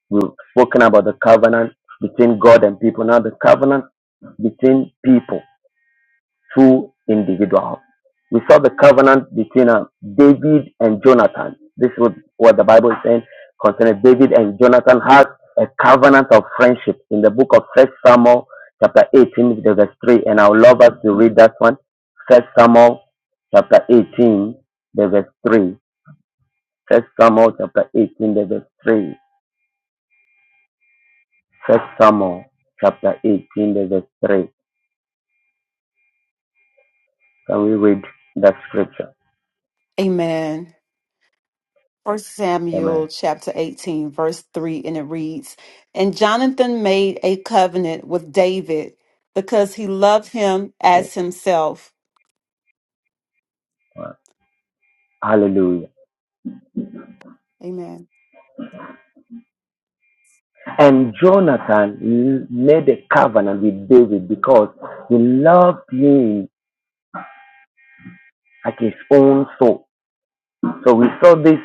S3: We've spoken about the covenant between God and people. Now, the covenant between people two individuals. We saw the covenant between uh, David and Jonathan. This is what the Bible is saying concerning David and Jonathan had a covenant of friendship in the book of First Samuel chapter 18 the verse 3 and I would love us to read that one. First Samuel chapter 18 the verse 3. First Samuel chapter 18 the verse 3. First Samuel chapter 18 the verse 3. Can we read that scripture?
S4: Amen. First
S3: Amen.
S4: Samuel chapter 18, verse 3, and it reads And Jonathan made a covenant with David because he loved him
S3: Yeah.
S4: as himself.
S3: Hallelujah.
S4: Amen.
S3: And Jonathan made a covenant with David because he loved him like his own soul. So we saw this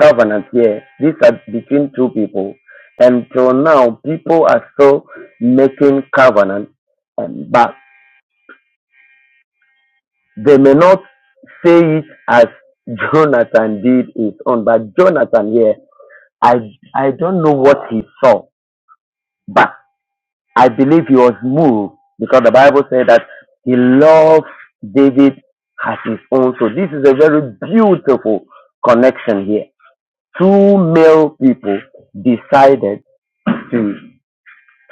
S3: covenant here. These are between two people. And till now, people are still making covenant, um, but they may not say it as Jonathan did his own. But Jonathan here, I I don't know what he saw, but. I believe he was moved because the Bible said that he loved David as his own. So this is a very beautiful connection here. Two male people decided to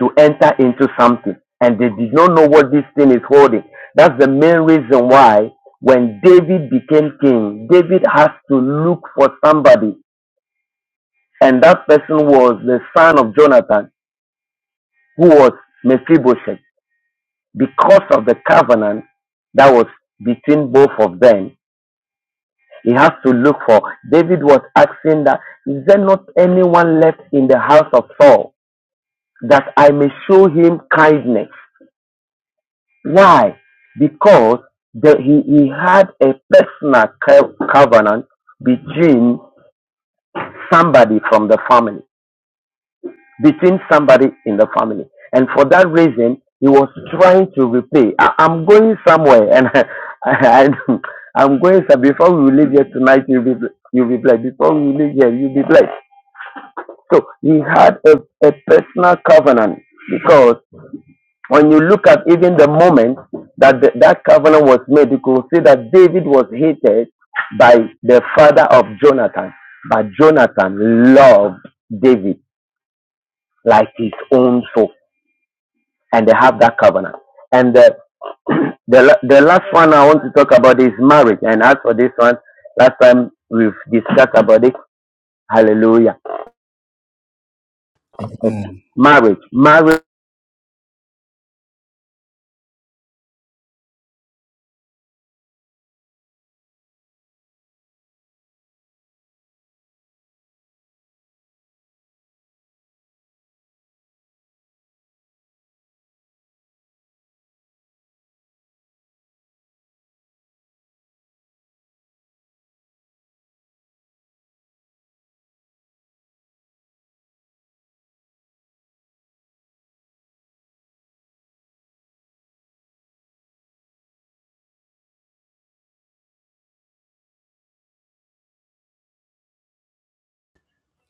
S3: to enter into something and they did not know what this thing is holding. That's the main reason why when David became king, David has to look for somebody and that person was the son of Jonathan who was Mephibosheth. because of the covenant that was between both of them. He has to look for. David was asking that, is there not anyone left in the house of Saul that I may show him kindness? Why? Because the, he, he had a personal co- covenant between somebody from the family. between somebody in the family. And for that reason, he was trying to repay. I, I'm going somewhere, and I, am going. So before we leave here tonight, you'll be you'll be blessed. Before we leave here, you'll be blessed. So he had a, a personal covenant because when you look at even the moment that the, that covenant was made, you could see that David was hated by the father of Jonathan, but Jonathan loved David like his own soul. and they have that covenant. And the the la- the last one I want to talk about is marriage. And as for this one, last time we've discussed about it. Hallelujah. Yes.
S1: Amen.
S3: Marriage, marriage,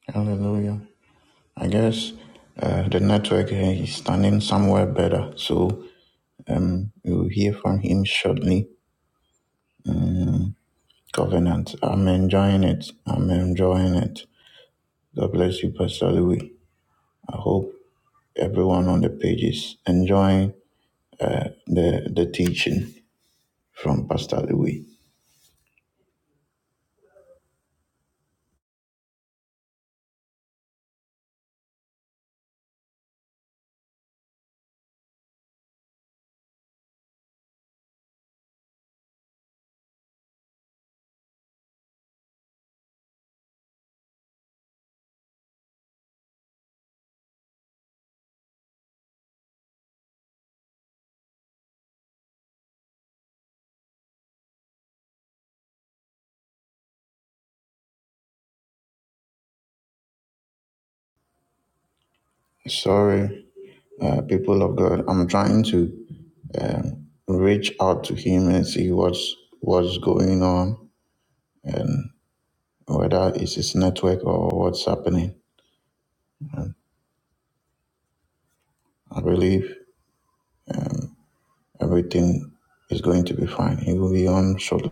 S1: Hallelujah. I guess uh, the network uh, is standing somewhere better, so um, you'll hear from him shortly. Mm, covenant. I'm enjoying it. I'm enjoying it. God bless you, Pastor Louis. I hope everyone on the page is enjoying uh, the the teaching from Pastor Louis. Sorry, uh, people of God. I'm trying to um, reach out to him and see what's what's going on. and. whether it's his network or what's happening. And I believe um, everything is going to be fine. He will be on shortly.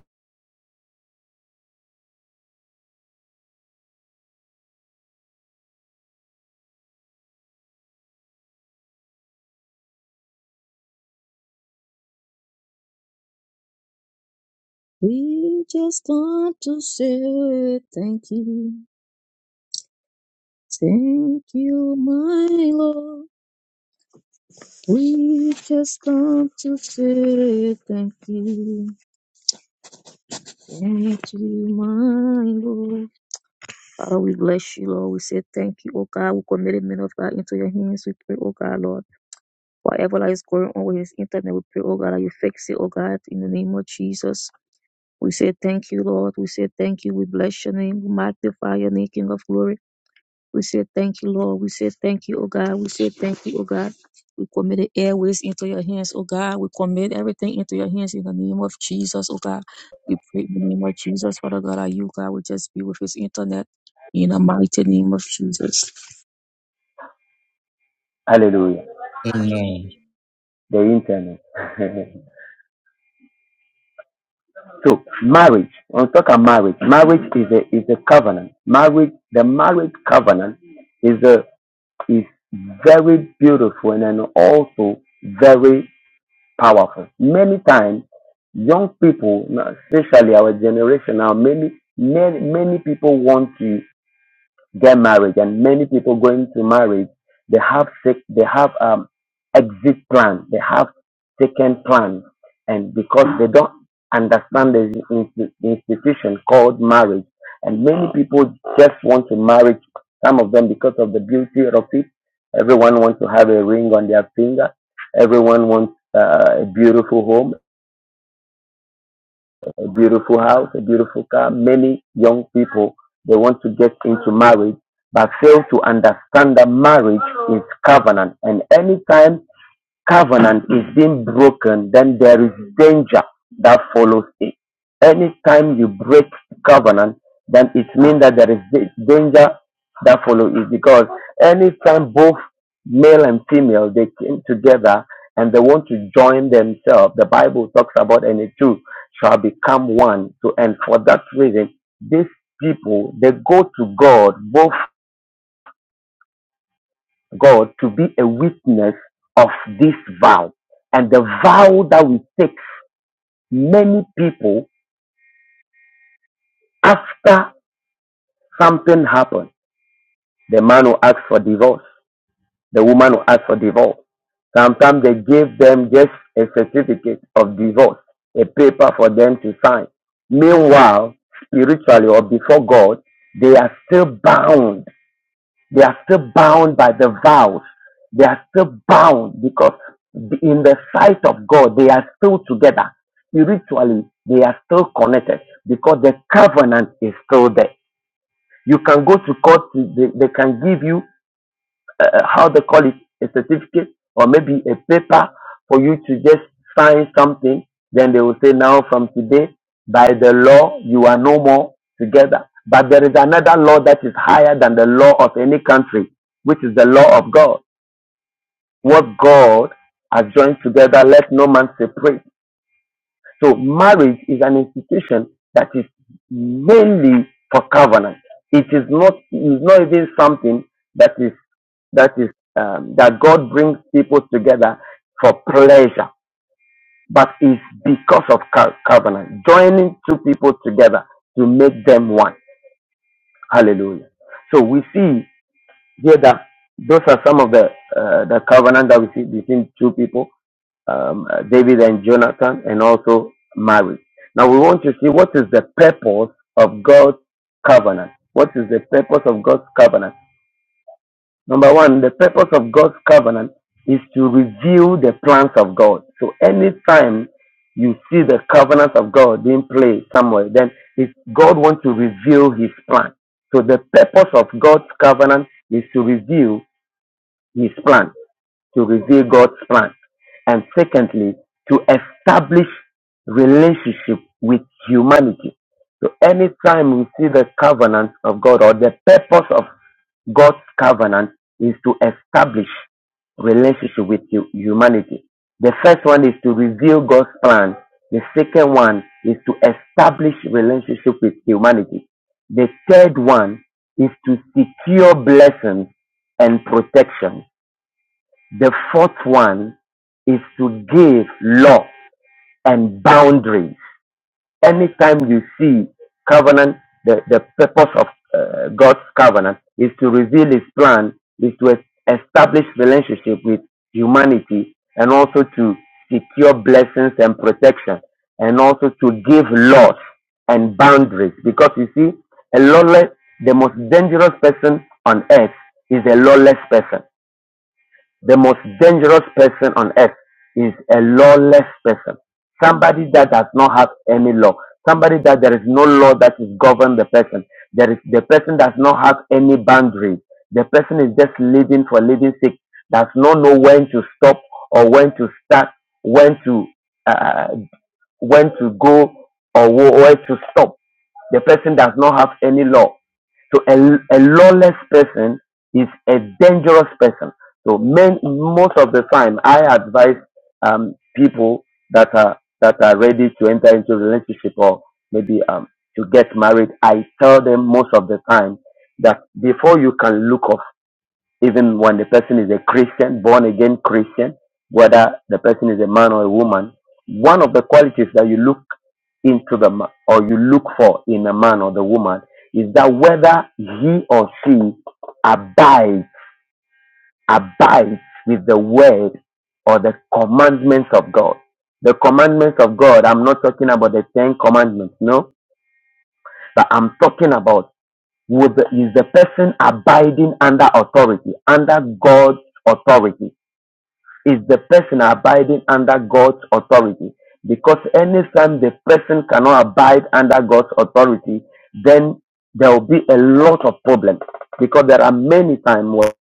S2: We just want to say thank you. Thank you, my Lord. We just come to say thank you. Thank you, my Lord. Father, we bless you, Lord. We say thank you, O God. We commit the men of God into your hands. We pray, O God, Lord. Whatever that is going on with this internet, we pray, oh God, that you fix it, oh God, in the name of Jesus. We say thank you, Lord. We say thank you. We bless your name. We magnify your name, King of glory. We say thank you, Lord. We say thank you, oh God. We say thank you, oh God. We commit the airways into your hands, oh God. We commit everything into your hands in the name of Jesus, oh God. We pray in the name of Jesus, Father God, that you, God, will just be with this internet in the mighty name of Jesus.
S3: hallelujah.
S1: Amen.
S3: The internet. so marriage. When we talk about marriage, marriage is a is a covenant. Marriage, the marriage covenant is a is very beautiful and then also very powerful. Many times, young people, especially our generation now, many, many, many people want to get married and many people going to marriage they have sick they have um exit plan they have second plan and because they don't understand the insti- institution called marriage and many people just want to marry some of them because of the beauty of it everyone wants to have a ring on their finger everyone wants uh, a beautiful home a beautiful house, a beautiful car. Many young people, they want to get into marriage, but fail to understand that marriage is covenant. And anytime covenant is being broken, then there is danger that follows it. Anytime you break covenant, then it means that there is da- danger that follows it because anytime both male and female they came together and they want to join themselves, the Bible talks about and the two shall become one. So and for that reason, these people they go to God both God to be a witness of this vow and the vow that we take. Many people, after something happened, the man will ask for divorce, the woman will ask for divorce. Sometimes they give them just a certificate of divorce, a paper for them to sign. Meanwhile, spiritually or before God, they are still bound They are still bound by the vows. They are still bound because in the sight of God, they are still together. Spiritually, they are still connected because the covenant is still there. You can go to court, they, they can give you uh, uh, how they call it, a certificate or maybe a paper for you to just sign something. Then they will say, now from today, by the law, you are no more together. But there is another law that is higher than the law of any country, which is the law of God. What God has joined together, let no man separate. So marriage is an institution that is mainly for covenant. It is not, it is not even something that is that is um, that God brings people together for pleasure, but it's because of co- covenant, joining two people together to make them one. Hallelujah. So we see here that those are some of the uh, the covenant that we see between two people, um, uh, David and Jonathan, and also marriage. Now we want to see what is the purpose of God's covenant. What is the purpose of God's covenant? Number one, the purpose of God's covenant is to reveal the plans of God. So anytime you see the covenant of God being played somewhere, then it's God wants to reveal his plan. So the purpose of God's covenant is to reveal his plan to reveal God's plan. And secondly, to establish relationship with humanity. So anytime we see the covenant of God or the purpose of God's covenant is to establish relationship with hu- humanity. The first one is to reveal God's plan. The second one is to establish relationship with humanity. The third one is to secure blessings and protection. The fourth one is to give law and boundaries. Anytime you see covenant, the, the purpose of uh, God's covenant is to reveal his plan, is to es- establish relationship with humanity and also to secure blessings and protection and also to give laws and boundaries. Because you see, a lawless, the most dangerous person on earth is a lawless person. The most dangerous person on earth is a lawless person. Somebody that does not have any law. Somebody that there is no law that is govern the person. There is the person does not have any boundaries. The person is just living for living sake. Does not know when to stop or when to start, when to uh, when to go or wh- where to stop. The person does not have any law. So a, a lawless person is a dangerous person. So men, most of the time, I advise um, people that are that are ready to enter into relationship or maybe um, to get married. I tell them most of the time that before you can look even when the person is a Christian, born again Christian, whether the person is a man or a woman, one of the qualities that you look into the ma- or you look for in a man or the woman is that whether he or she abides abides with the word or the commandments of God. The commandments of God. I'm not talking about the Ten Commandments, no, but I'm talking about would the, is the person abiding under authority, under God's authority is the person abiding under God's authority. Because anytime the person cannot abide under God's authority, then there will be a lot of problems. Because there are many times where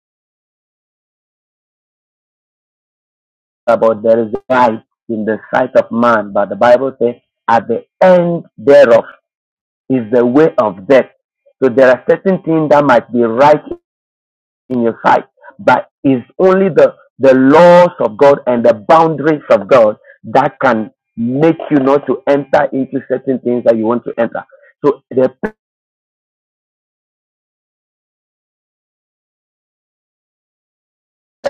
S3: about there is right in the sight of man, but the Bible says at the end thereof is the way of death. So there are certain things that might be right in your sight. But it's only the, the laws of God and the boundaries of God that can make you not to enter into certain things that you want to enter. So the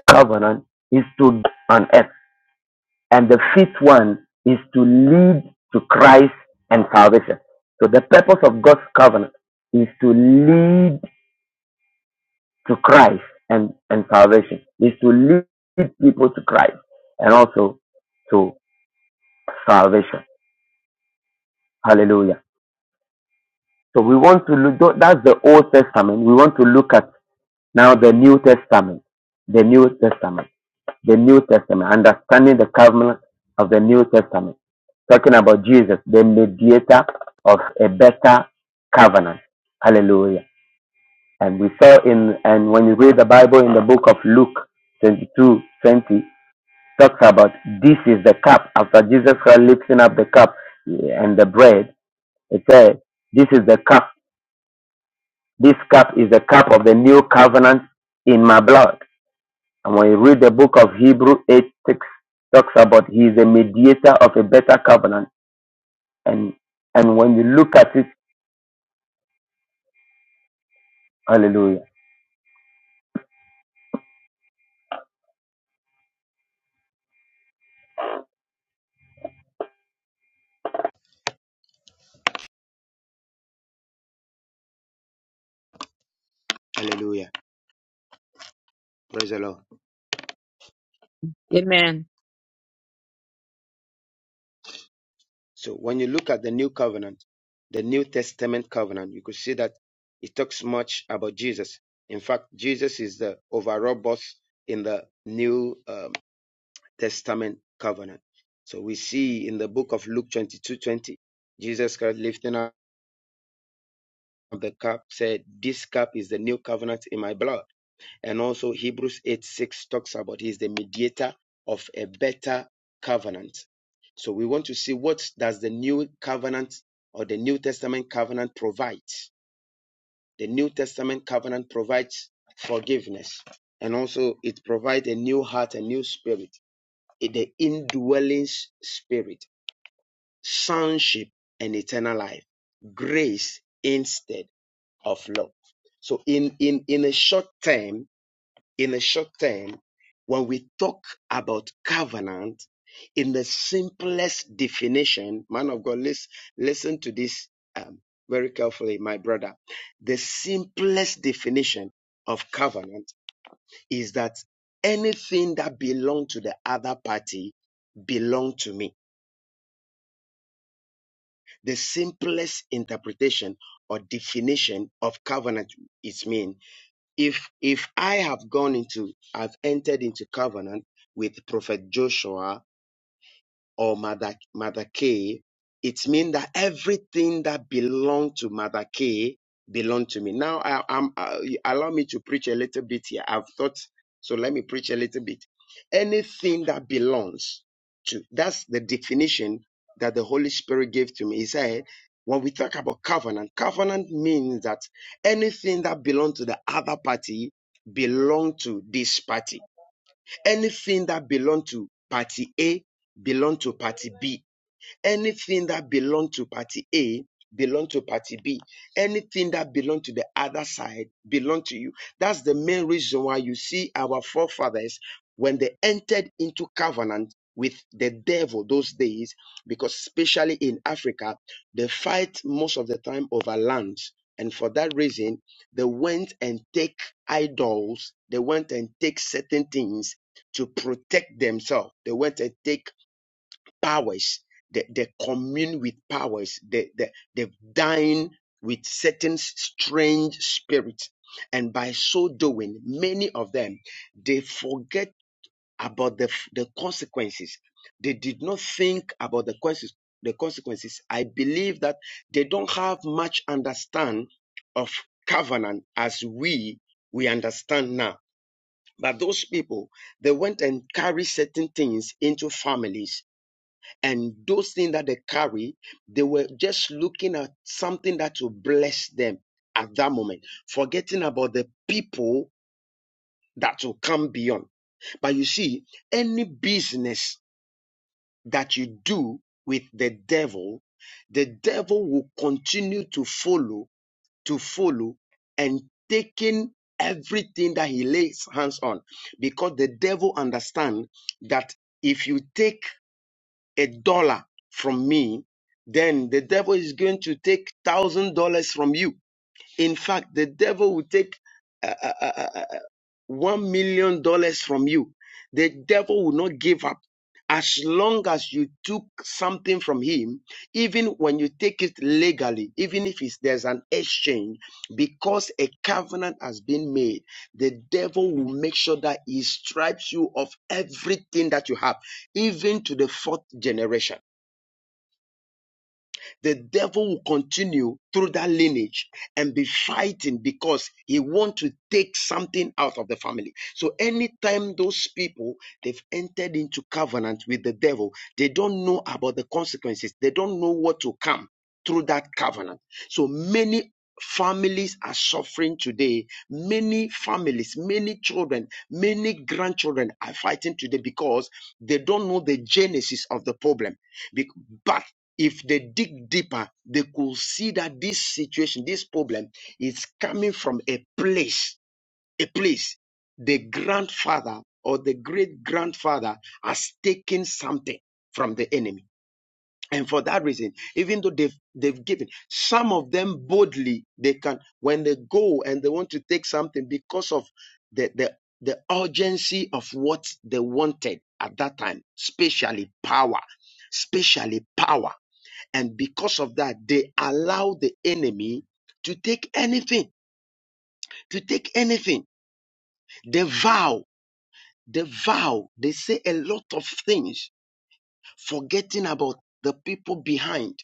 S3: covenant is to on earth, and the fifth one is to lead to Christ and salvation. So the purpose of God's covenant is to lead to Christ and, and salvation, is to lead people to Christ and also to salvation. Hallelujah. So we want to look, that's the Old Testament. We want to look at now the New Testament. The New Testament. The New Testament. Understanding the covenant of the New Testament. Talking about Jesus, the mediator of a better covenant. Hallelujah. And we saw in, and when you read the Bible in the book of Luke 22 20, talks about this is the cup. After Jesus Christ lifting up the cup and the bread, it says, this is the cup This cup is the cup of the new covenant in my blood. And when you read the book of Hebrew, 8 6 talks about he is a mediator of a better covenant. And and when you look at it, hallelujah. Hallelujah. Praise the Lord.
S2: Amen.
S3: So when you look at the new covenant, the New Testament covenant, you could see that it talks much about Jesus. In fact, Jesus is the overall boss in the new. um. Testament covenant. So we see in the book of Luke 22 20, Jesus Christ lifting up the cup said, This cup is the new covenant in my blood. And also Hebrews 8 6 talks about he's the mediator of a better covenant. So we want to see what does the new covenant or the New Testament covenant provides. The New Testament covenant provides forgiveness and also it provides a new heart, a new spirit, the indwelling spirit. sonship, and eternal life. Grace instead of law. So in, in, in a short term, in a short term, when we talk about covenant, in the simplest definition, man of God, listen, listen to this um, very carefully, my brother. The simplest definition of covenant is that anything that belong to the other party belong to me The simplest interpretation or definition of covenant is mean if if I have gone into I've entered into covenant with Prophet Joshua or Mother, Mother K, it means that everything that belong to Mother K belong to me. Now, I, I'm, uh, allow me to preach a little bit here. I've thought, so let me preach a little bit. Anything that belongs to, that's the definition that the Holy Spirit gave to me. He said, when we talk about covenant, covenant means that anything that belongs to the other party belong to this party Anything that belong to party A belong to party B Anything that belonged to party A belonged to party B. Anything that belonged to the other side belonged to you. That's the main reason why you see our forefathers when they entered into covenant with the devil those days, because especially in Africa, they fight most of the time over lands. And for that reason, they went and take idols, they went and take certain things to protect themselves. They went and take powers, they, they commune with powers, they, they, they dine with certain strange spirits. And by so doing, many of them, they forget about the, the consequences. They did not think about the consequences. The consequences. I believe that they don't have much understand of covenant as we we understand now. But those people, they went and carry certain things into families and those things that they carry, they were just looking at something that will bless them at that moment, forgetting about the people that will come beyond. But you see, any business that you do with the devil, the devil will continue to follow, to follow, and taking everything that he lays hands on, because the devil understands that. If you take a dollar from me, then the devil is going to take thousand dollars from you. In fact, the devil will take uh, uh, uh, uh, uh, one million dollars from you. The devil will not give up. As long as you took something from him, even when you take it legally, even if it's, there's an exchange, because a covenant has been made, the devil will make sure that he stripes you of everything that you have, even to the fourth generation the devil will continue through that lineage and be fighting because he want to take something out of the family. So anytime those people they've entered into covenant with the devil, they don't know about the consequences. They don't know what to come through that covenant. So many families are suffering today. Many families, many children, many grandchildren are fighting today because they don't know the genesis of the problem. But if they dig deeper, they could see that this situation, this problem is coming from a place, a place the grandfather or the great grandfather has taken something from the enemy. And for that reason, even though they've, they've given, some of them boldly, they can, when they go and they want to take something because of the, the, the urgency of what they wanted at that time, especially power, especially power. And because of that, they allow the enemy to take anything, to take anything. They vow, they vow, they say a lot of things, forgetting about the people behind.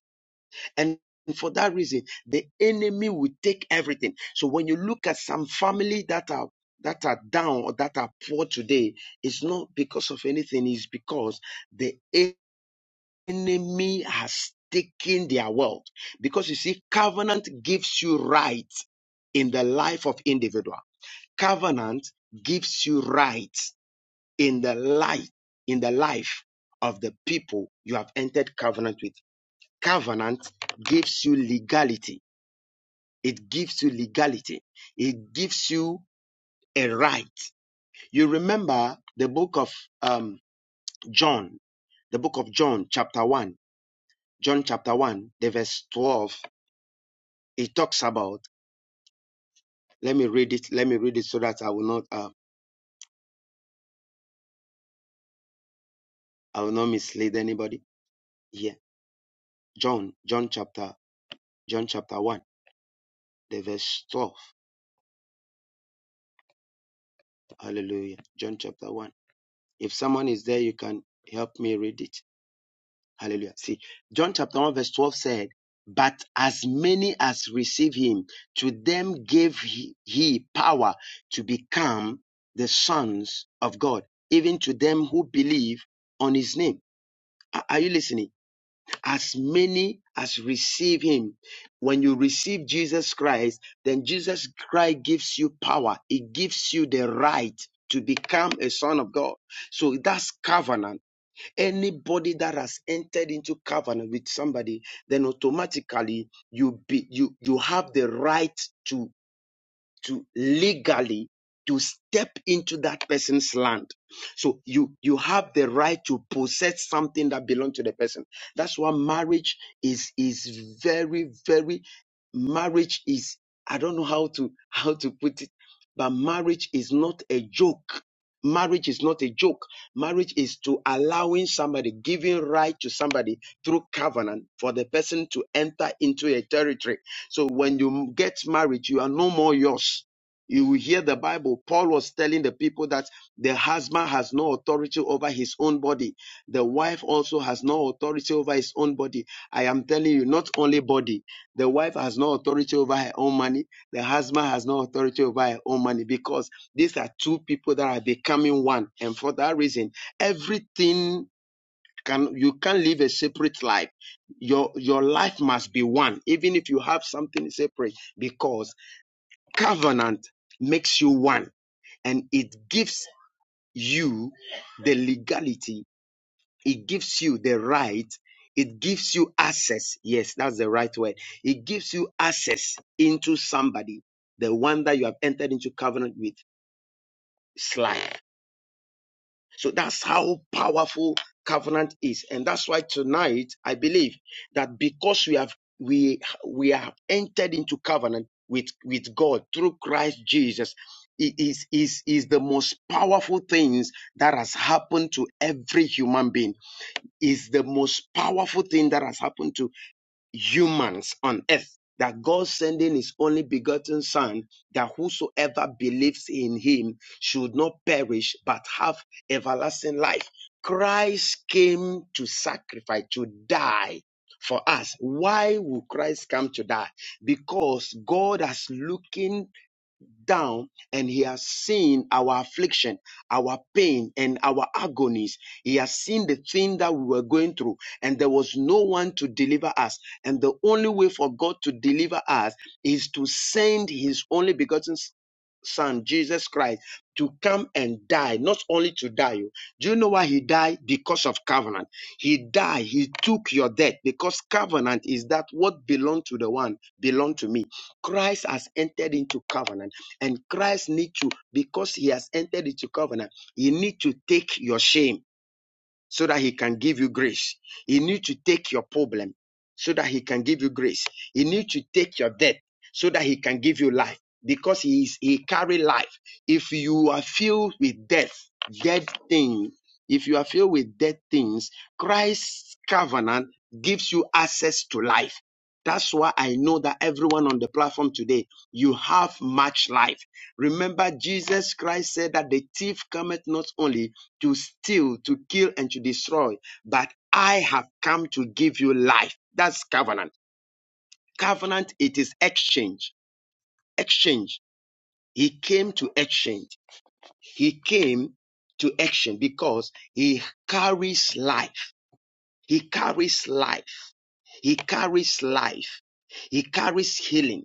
S3: And for that reason, the enemy will take everything. So when you look at some family that are that are down or that are poor today, it's not because of anything, it's because the enemy has taken their world. Because you see, covenant gives you rights in the life of individual. Covenant gives you rights in the life, in the life of the people you have entered covenant with. Covenant gives you legality. It gives you legality. It gives you a right. You remember the book of um, John, the book of John, chapter 1, John chapter 1, the verse 12 He talks about, let me read it, let me read it so that I will not, uh, I will not mislead anybody. Yeah. John, John chapter, John chapter 1, the verse 12. Hallelujah. John chapter 1. If someone is there, you can help me read it. Hallelujah. See, John chapter 1, verse 12 said, But as many as receive him, to them gave he, he power to become the sons of God, even to them who believe on his name. Are are you listening? as many as receive him. When you receive Jesus Christ, then Jesus Christ gives you power. He gives you the right to become a son of God. So that's covenant. Anybody that has entered into covenant with somebody, then automatically you be you you have the right to to legally to step into that person's land. So you you have the right to possess something that belongs to the person. That's why marriage is is very very marriage is I don't know how to how to put it, but marriage is not a joke. Marriage is not a joke. Marriage is to allowing somebody, giving right to somebody through covenant for the person to enter into a territory so when you get married, you are no more yours. You will hear the Bible. Paul was telling the people that the husband has no authority over his own body. The wife also has no authority over his own body. I am telling you, not only body. The wife has no authority over her own money. The husband has no authority over her own money because these are two people that are becoming one. And for that reason, everything can you can't live a separate life your your life must be one even if you have something separate because covenant makes you one and it gives you the legality it gives you the right it gives you access yes that's the right word it gives you access into somebody the one that you have entered into covenant with Slide. So that's how powerful covenant is. And that's why tonight I believe that because we have we we have entered into covenant with with God through Christ Jesus it is is is the most powerful things that has happened to every human being is the most powerful thing that has happened to humans on earth that God sending his only begotten son that whosoever believes in him should not perish but have everlasting life. Christ came to sacrifice, to die for us. Why would Christ come to die? Because God has looking down and he has seen our affliction, our pain, and our agonies. He has seen the thing that we were going through, and there was no one to deliver us. And the only way for God to deliver us is to send his only begotten son, Jesus Christ, to come and die, not only to die. oh. Do you know why he died? Because of covenant. He died, he took your death because covenant is that what belonged to the one belonged to me. Christ has entered into covenant and Christ needs to, because he has entered into covenant, he needs to take your shame so that he can give you grace. He needs to take your problem so that he can give you grace. He needs to take your death so that he can give you life because he is he carry life. If you are filled with death, dead things, if you are filled with dead things, Christ's covenant gives you access to life. That's why I know that everyone on the platform today, you have much life. Remember, Jesus Christ said that the thief cometh not only to steal, to kill, and to destroy. But I have come to give you life. That's covenant. Covenant, it is exchange. Exchange. He came to exchange. He came to action because he carries life. He carries life. He carries life. He carries healing.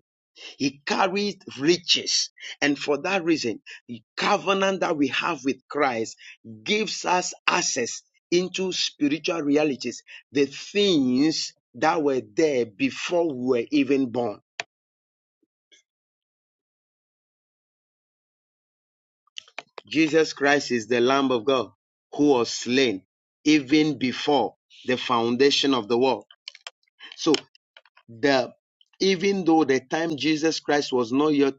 S3: He carried riches. And for that reason, the covenant that we have with Christ gives us access into spiritual realities, the things that were there before we were even born. Jesus Christ is the Lamb of God who was slain even before the foundation of the world. So the even though the time Jesus Christ was not yet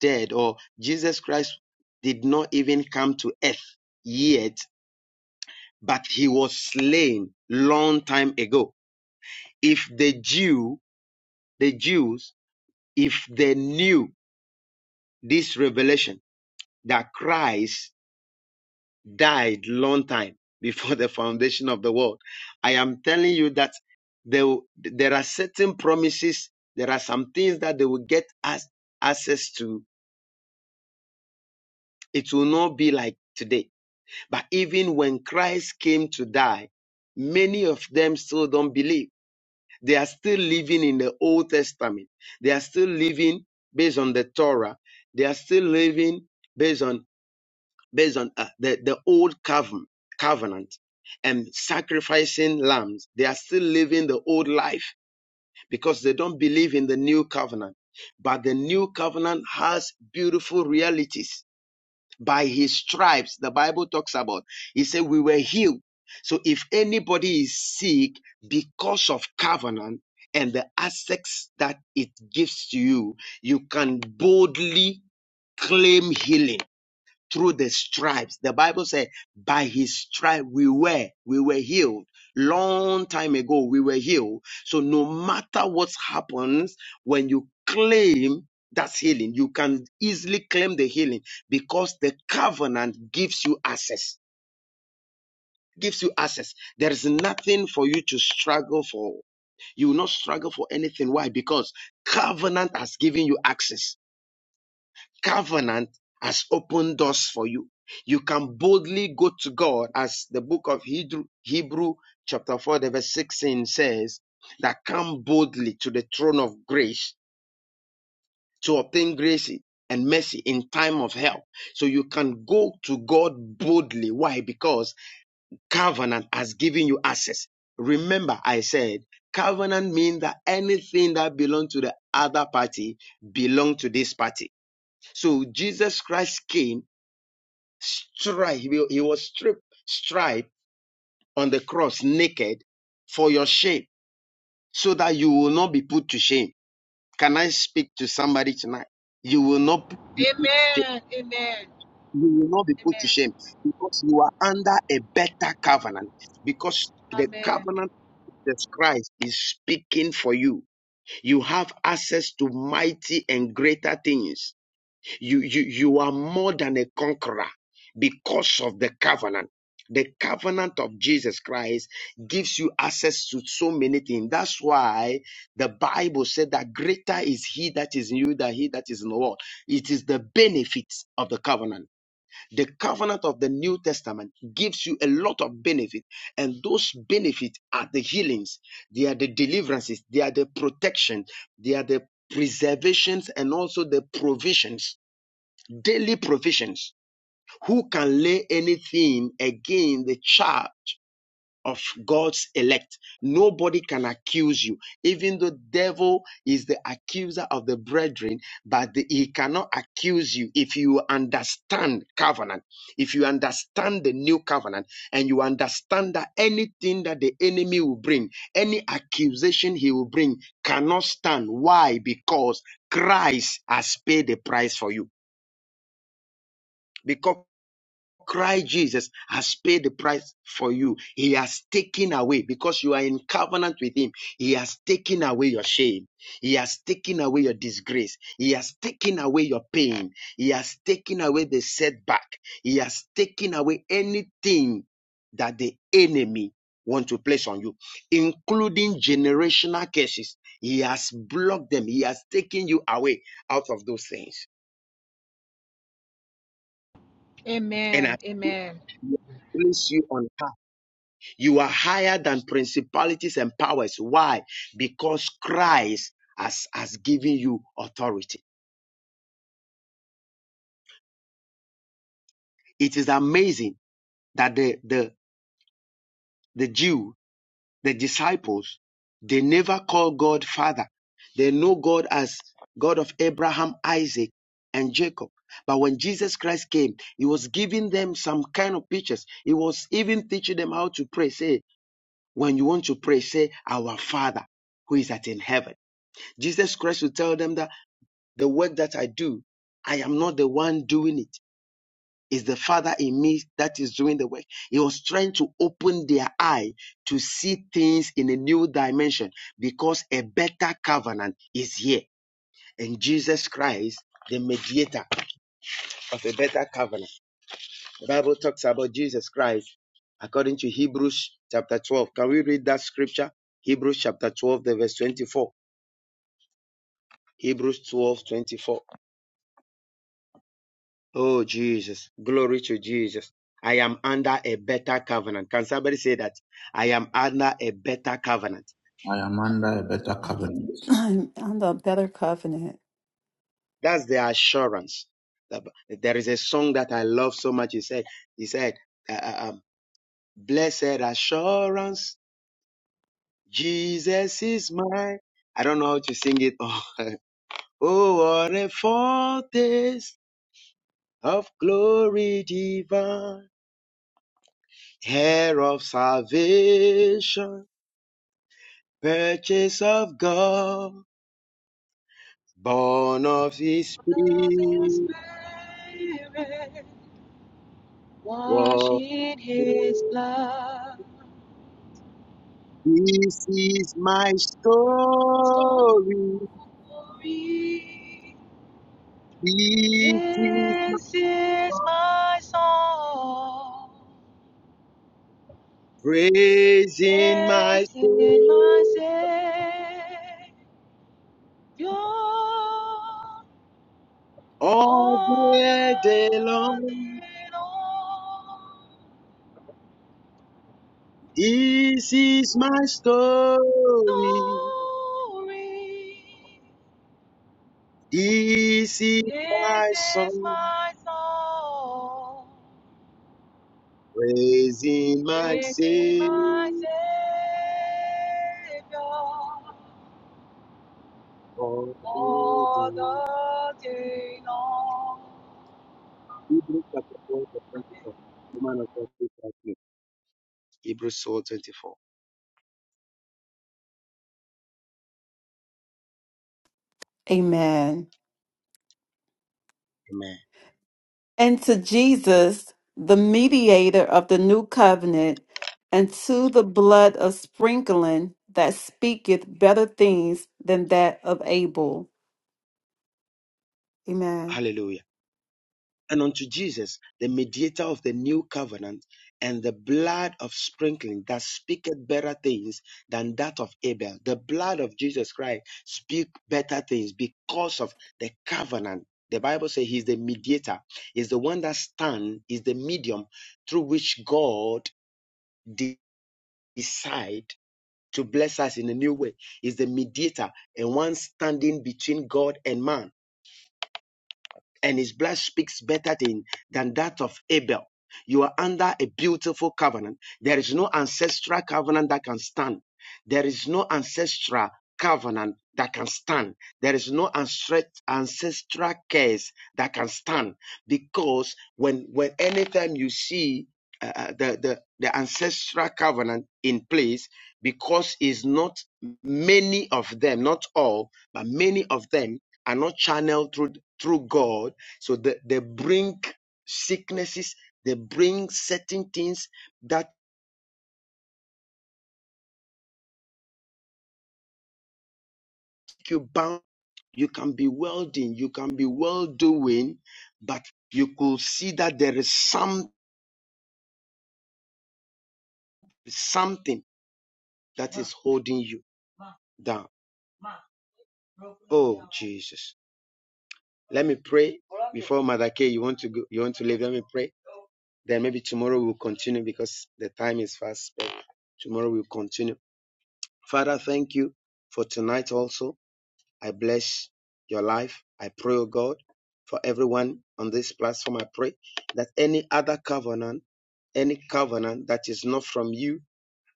S3: dead or Jesus Christ did not even come to earth yet, but he was slain long time ago. If the Jew, the Jews, if they knew this revelation that Christ died long time before the foundation of the world, I am telling you that there, there are certain promises, there are some things that they will get us access to. It will not be like today. But even when Christ came to die, many of them still don't believe They are still living in the Old Testament. They are still living based on the Torah. They are still living based on based on uh, the the old covenant covenant and sacrificing lambs. They are still living the old life because they don't believe in the new covenant. But the new covenant has beautiful realities by his stripes the bible talks about he said we were healed so if anybody is sick because of covenant and the access that it gives to you you can boldly claim healing through the stripes. The Bible said, by his stripe we were, we were healed. Long time ago, we were healed. So no matter what happens, when you claim that healing, you can easily claim the healing because the covenant gives you access. Gives you access. There is nothing for you to struggle for. You will not struggle for anything. Why? Because covenant has given you access covenant has opened doors for you. You can boldly go to God as the book of Hebrew, Hebrew chapter 4, the verse 16 says, that come boldly to the throne of grace to obtain grace and mercy in time of help. So you can go to God boldly. Why? Because covenant has given you access. Remember, I said covenant means that anything that belongs to the other party belong to this party. So Jesus Christ came Stripe. He, will- he was stripped, striped on the cross naked for your shame so that you will not be put to shame. Can I speak to somebody tonight? You will not be-
S5: Amen. Amen.
S3: you will not be put to
S5: Amen.
S3: shame because you are under a better covenant because the
S5: Amen.
S3: covenant of Christ is speaking for you. You have access to mighty and greater things You, you, you are more than a conqueror because of the covenant. The covenant of Jesus Christ gives you access to so many things. That's why the Bible said that greater is he that is in you than he that is in the world. It is the benefits of the covenant. The covenant of the New Testament gives you a lot of benefit, and those benefits are the healings, they are the deliverances, they are the protection, they are the preservations, and also the provisions daily provisions. Who can lay anything against the child of God's elect? Nobody can accuse you. Even though devil is the accuser of the brethren, but the- he cannot accuse you if you understand covenant, if you understand the new covenant, and you understand that anything that the enemy will bring, any accusation he will bring, cannot stand. Why? Because Christ has paid the price for you. Because Christ Jesus has paid the price for you. He has taken away because you are in covenant with Him. He has taken away your shame. He has taken away your disgrace. He has taken away your pain. He has taken away the setback. He has taken away anything that the enemy wants to place on you, including generational curses. He has blocked them. He has taken you away out of those things. And
S5: Amen.
S3: I
S5: Amen.
S3: place you on You are higher than principalities and powers. Why? Because Christ has, has given you authority. It is amazing that the, the, the Jew, the disciples, they never call God Father. They know God as God of Abraham, Isaac, and Jacob. But when Jesus Christ came, he was giving them some kind of pictures. He was even teaching them how to pray. Say, when you want to pray, say, Our Father who is at in heaven. Jesus Christ will tell them that the work that I do, I am not the one doing it. It's the Father in me that is doing the work. He was trying to open their eye to see things in a new dimension because a better covenant is here. And Jesus Christ, the mediator of a better covenant. The Bible talks about Jesus Christ according to Hebrews chapter 12. Can we read that scripture? Hebrews chapter 12, the verse 24. Hebrews 12 24. Oh, Jesus. Glory to Jesus. I am under a better covenant. Can somebody say that? I am under a better covenant.
S4: I need- better covenant.
S3: That's the assurance. There is a song that I love so much. He said, he said, uh, uh, um, blessed assurance, Jesus is mine. I don't know how to sing it. Oh, oh what a foretaste of glory divine, heir of salvation, purchase of God. Born of his
S5: Love is
S3: spirit,
S5: Mary, wash
S3: well,
S5: in his blood.
S3: this is my
S5: Story.
S3: story. This is
S5: This is my song.
S3: praising my
S5: This is my Savior.
S3: all
S5: All
S3: the day
S5: the
S3: long. This is my
S5: Lord.
S3: story.
S5: Glory.
S3: This is
S5: This
S3: my
S5: is
S3: song.
S5: my song,
S3: Praising my
S5: praising
S3: Savior.
S5: my Savior
S3: all the
S5: all
S3: day.
S5: the day long.
S3: Hebrews chapter 12, verse 24. Woman of God, please help me. Hebrews 12,
S4: Amen.
S3: Amen.
S4: and to Jesus, the mediator of the new covenant, and to the blood of sprinkling that speaketh better things than that of Abel. Amen.
S3: Hallelujah. And unto Jesus, the mediator of the new covenant, and the blood of sprinkling that speaketh better things than that of Abel. The blood of Jesus Christ speak better things because of the covenant. The Bible says he's the mediator, is the one that stands. is the medium through which God de- decide to bless us in a new way. Is the mediator and one standing between God and man and his blood speaks better thing than that of Abel. You are under a beautiful covenant. There is no ancestral covenant that can stand. There is no ancestral covenant that can stand. There is no ancestral case that can stand because when when anytime you see uh, uh, the, the the ancestral covenant in place, because is not many of them, not all, but many of them are not channeled through through God so they, they bring sicknesses, they bring certain things that you bound. You can be welding, you can be well doing, but you could see that there is some something that is holding you down. Oh Jesus. Let me pray before Mother K, you want to go, you want to leave. Let me pray. Then maybe tomorrow we'll continue because the time is fast. Tomorrow we'll continue. Father, thank you for tonight also. I bless your life. I pray, oh God, for everyone on this platform. I pray that any other covenant any covenant that is not from you,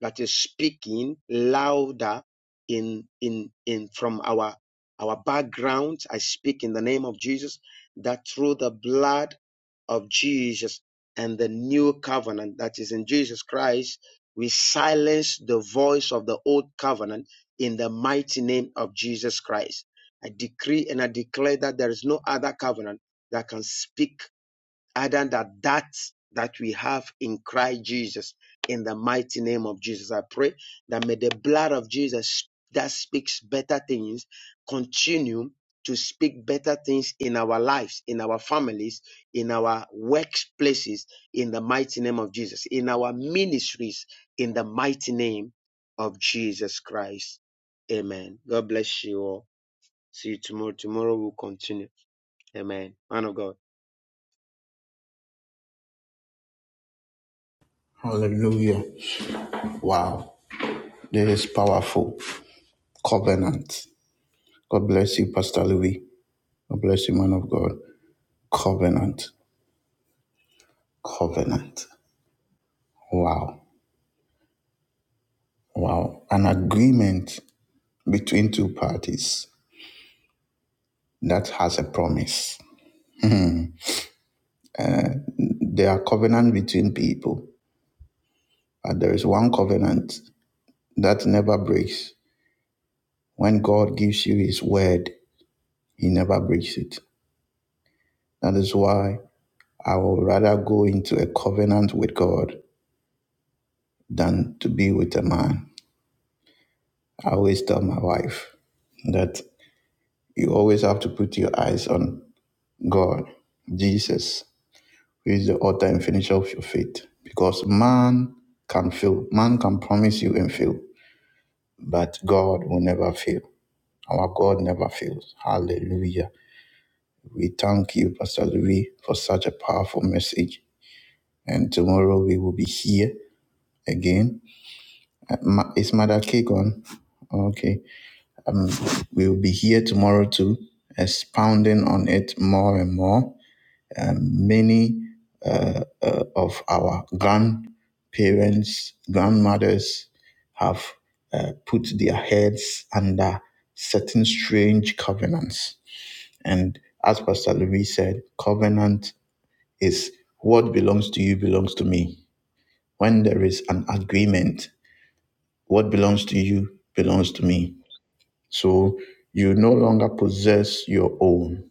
S3: that is speaking louder in in in from our our background. I speak in the name of Jesus that through the blood of Jesus and the new covenant that is in Jesus Christ, we silence the voice of the old covenant in the mighty name of Jesus Christ. I decree and I declare that there is no other covenant that can speak other than that that we have in Christ Jesus. In the mighty name of Jesus, I pray that may the blood of Jesus that speaks better things continue to speak better things in our lives, in our families, in our workplaces, in the mighty name of Jesus, in our ministries, in the mighty name of Jesus Christ. Amen. God bless you all. See you tomorrow. Tomorrow we'll continue. Amen. Man of God.
S1: Hallelujah. Wow. This is powerful. Covenant. God bless you, Pastor Louis. God bless you, man of God. Covenant. Covenant. Wow. Wow. An agreement between two parties that has a promise. Hmm. There are covenant between people, but there is one covenant that never breaks. When God gives you His word, He never breaks it. That is why I would rather go into a covenant with God than to be with a man. I always tell my wife that you always have to put your eyes on God, Jesus, who is the author and finisher of your faith. Because man can fail, man can promise you and fail, but God will never fail. Our God never fails. Hallelujah. We thank you, Pastor Louis, for such a powerful message. And tomorrow we will be here again. Uh, Ma- Is Mother Cake on? Okay. Um, we will be here tomorrow too, expounding on it more and more. Um, many uh, uh, of our grandparents, grandmothers have uh, put their heads under certain strange covenants. And as Pastor Louis said, covenant is what belongs to you belongs to me. When there is an agreement, what belongs to you belongs to me. So you no longer possess your own,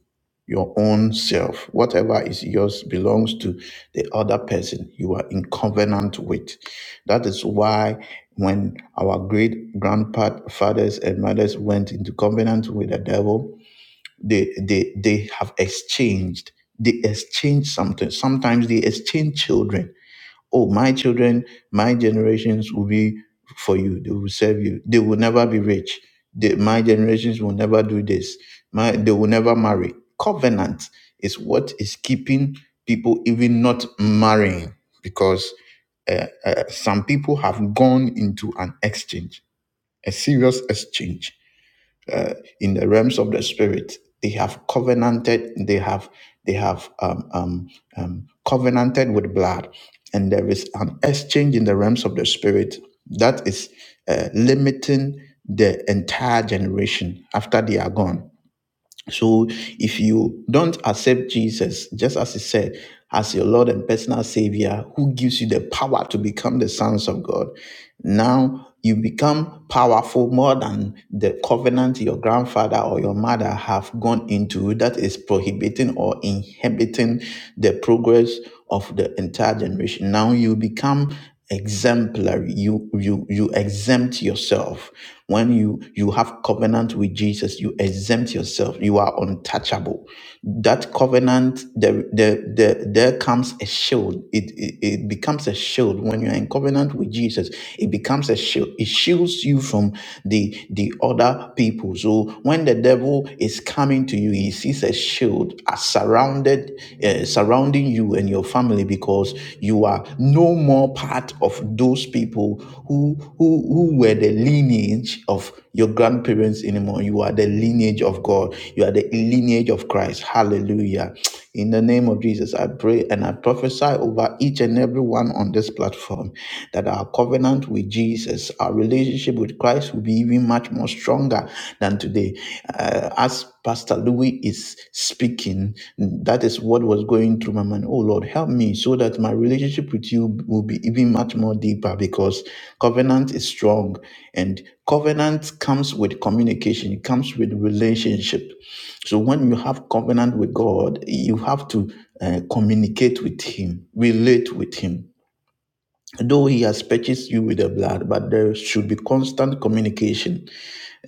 S1: your own self. Whatever is yours belongs to the other person you are in covenant with. That is why when our great grandfathers and mothers went into covenant with the devil, they they they have exchanged. They exchanged something. Sometimes they exchange children oh my children my generations will be for you they will serve you they will never be rich They- my generations will never do this my they will never marry covenant is what is keeping people even not marrying because uh, uh, some people have gone into an exchange a serious exchange in the realms of the spirit they have covenanted they have they have um, um, um, covenanted with blood and there is an exchange in the realms of the spirit that is uh, limiting the entire generation after they are gone so if you don't accept Jesus, just as he said, as your Lord and personal Savior, who gives you the power to become the sons of God, now you become powerful more than the covenant your grandfather or your mother have gone into that is prohibiting or inhibiting the progress of the entire generation. Now you become exemplary you you you exempt yourself when you you have covenant with jesus you exempt yourself you are untouchable that covenant there there there, there comes a shield it, it it becomes a shield when you're in covenant with jesus it becomes a shield it shields you from the the other people so when the devil is coming coming to you. He sees a shield uh, surrounded, uh, surrounding you and your family because you are no more part of those people who, who, who were the lineage of your grandparents anymore. You are the lineage of God. You are the lineage of Christ. Hallelujah. In the name of Jesus, I pray and I prophesy over each and every one on this platform platform that our covenant with Jesus, our relationship with Christ will be even much more stronger than today. Uh, as Pastor Louis is speaking, that is what was going through my mind. Oh Lord, help me so that my relationship with you will be even much more deeper because covenant is strong and covenant comes with communication, it comes with relationship. So when you have covenant with God, you have to uh, communicate with Him, relate with Him though he has purchased you with the blood, but there should be constant communication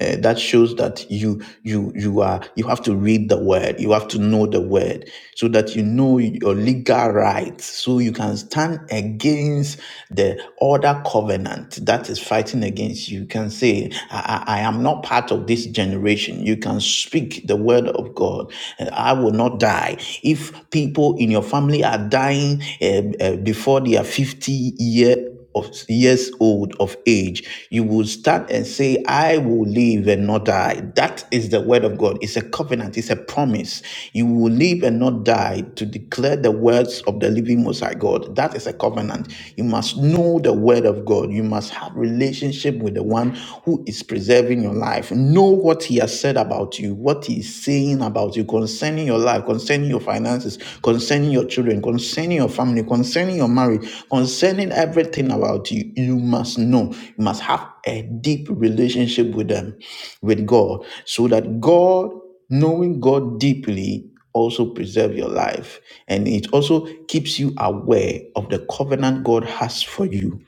S1: uh, that shows that you you you are you have to read the word, you have to know the word, so that you know your legal rights, so you can stand against the other covenant that is fighting against you. You can say, I, I I am not part of this generation. You can speak the word of God, and I will not die. If people in your family are dying uh, uh, before their 50 year of years old of age, you will stand and say, I will live and not die. That is the word of God. It's a covenant, it's a promise. You will live and not die to declare the words of the living Most High God. That is a covenant. You must know the word of God. You must have relationship with the one who is preserving your life. Know what he has said about you, what he is saying being about you, concerning your life, concerning your finances, concerning your children, concerning your family, concerning your marriage, concerning everything about you, you must know. You must have a deep relationship with them, with God, so that God, knowing God deeply, also preserve your life and it also keeps you aware of the covenant God has for you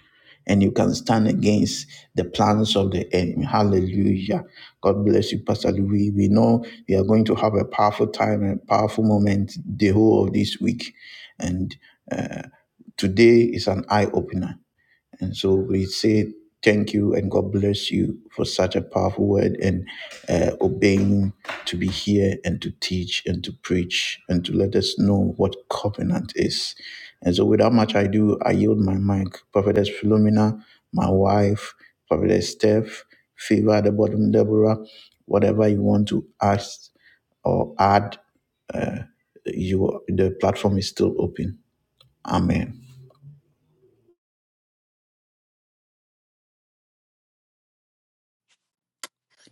S1: and you can stand against the plans of the enemy. Hallelujah. God bless you, Pastor Louis. We know we are going to have a powerful time and powerful moment the whole of this week. And uh, today is an eye opener and so we say thank you and God bless you for such a powerful word and uh, obeying to be here and to teach and to preach and to let us know what covenant is. And so, without much ado, I yield my mic. Prophetess Philomena, my wife, Prophetess Steph, Favor at the bottom, Deborah, whatever you want to ask or add, uh, you the platform is still open. Amen.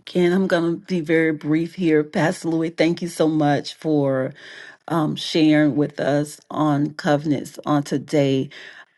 S4: Ken, I'm going to be very brief here. Pastor Louis, thank you so much for um, sharing with us on covenants on today.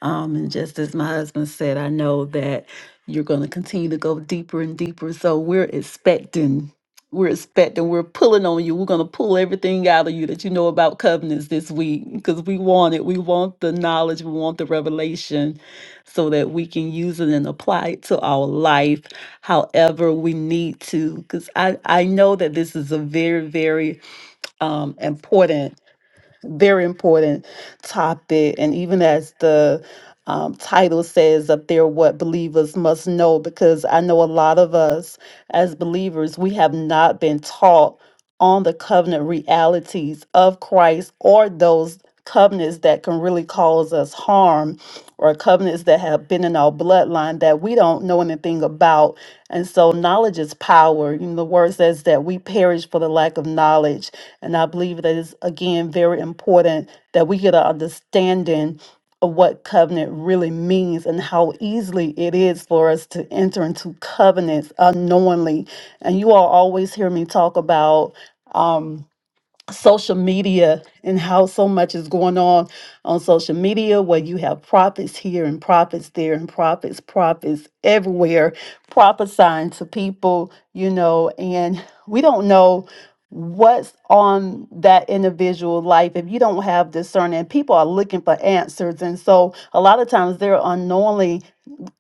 S4: Um, and just as my husband said, I know that you're going to continue to go deeper and deeper. So we're expecting, we're expecting, we're pulling on you. We're going to pull everything out of you that you know about covenants this week because we want it. We want the knowledge, we want the revelation so that we can use it and apply it to our life However, we need to, because I, I know that this is a very, very um, important very important topic. And even as the um, title says up there, what believers must know, because I know a lot of us as believers, we have not been taught on the covenant realities of Christ or those covenants that can really cause us harm or covenants that have been in our bloodline that we don't know anything about. And so knowledge is power. You know, the word says that we perish for the lack of knowledge. And I believe that it's, again, very important that we get an understanding of what covenant really means and how easily it is for us to enter into covenants unknowingly. And you all always hear me talk about. Um, social media and how so much is going on on social media where you have prophets here and prophets there and prophets prophets everywhere prophesying to people you know and we don't know what's on that individual life if you don't have discernment people are looking for answers and so a lot of times they're unknowingly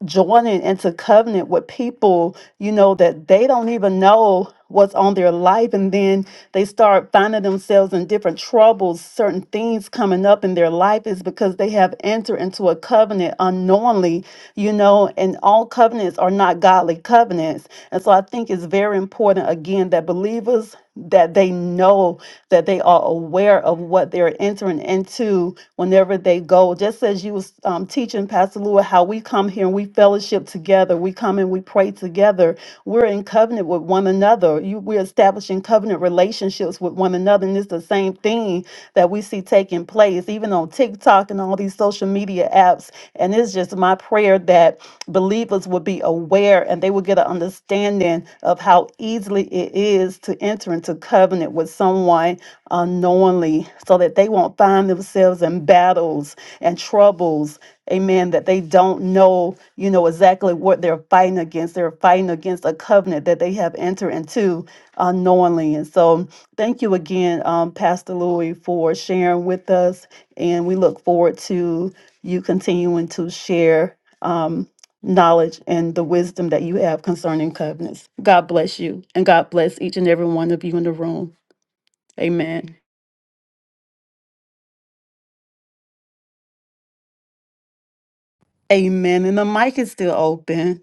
S4: joining into covenant with people, you know, that they don't even know what's on their life. And then they start finding themselves in different troubles, certain things coming up in their life is because they have entered into a covenant unknowingly, you know, and all covenants are not godly covenants. And so I think it's very important, again, that believers that they know that they are aware of what they're entering into whenever they go. Just as you was um, teaching Pastor Lua how we come here and we fellowship together, we come and we pray together. We're in covenant with one another. You, we're establishing covenant relationships with one another, and it's the same thing that we see taking place, even on TikTok and all these social media apps. And it's just my prayer that believers would be aware and they would get an understanding of how easily it is to enter into covenant with someone unknowingly so that they won't find themselves in battles and troubles amen that they don't know you know exactly what they're fighting against they're fighting against a covenant that they have entered into unknowingly and so thank you again um, pastor louis for sharing with us and we look forward to you continuing to share um, knowledge and the wisdom that you have concerning covenants god bless you and god bless each and every one of you in the room amen Amen. And the mic is still open.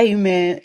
S4: Amen.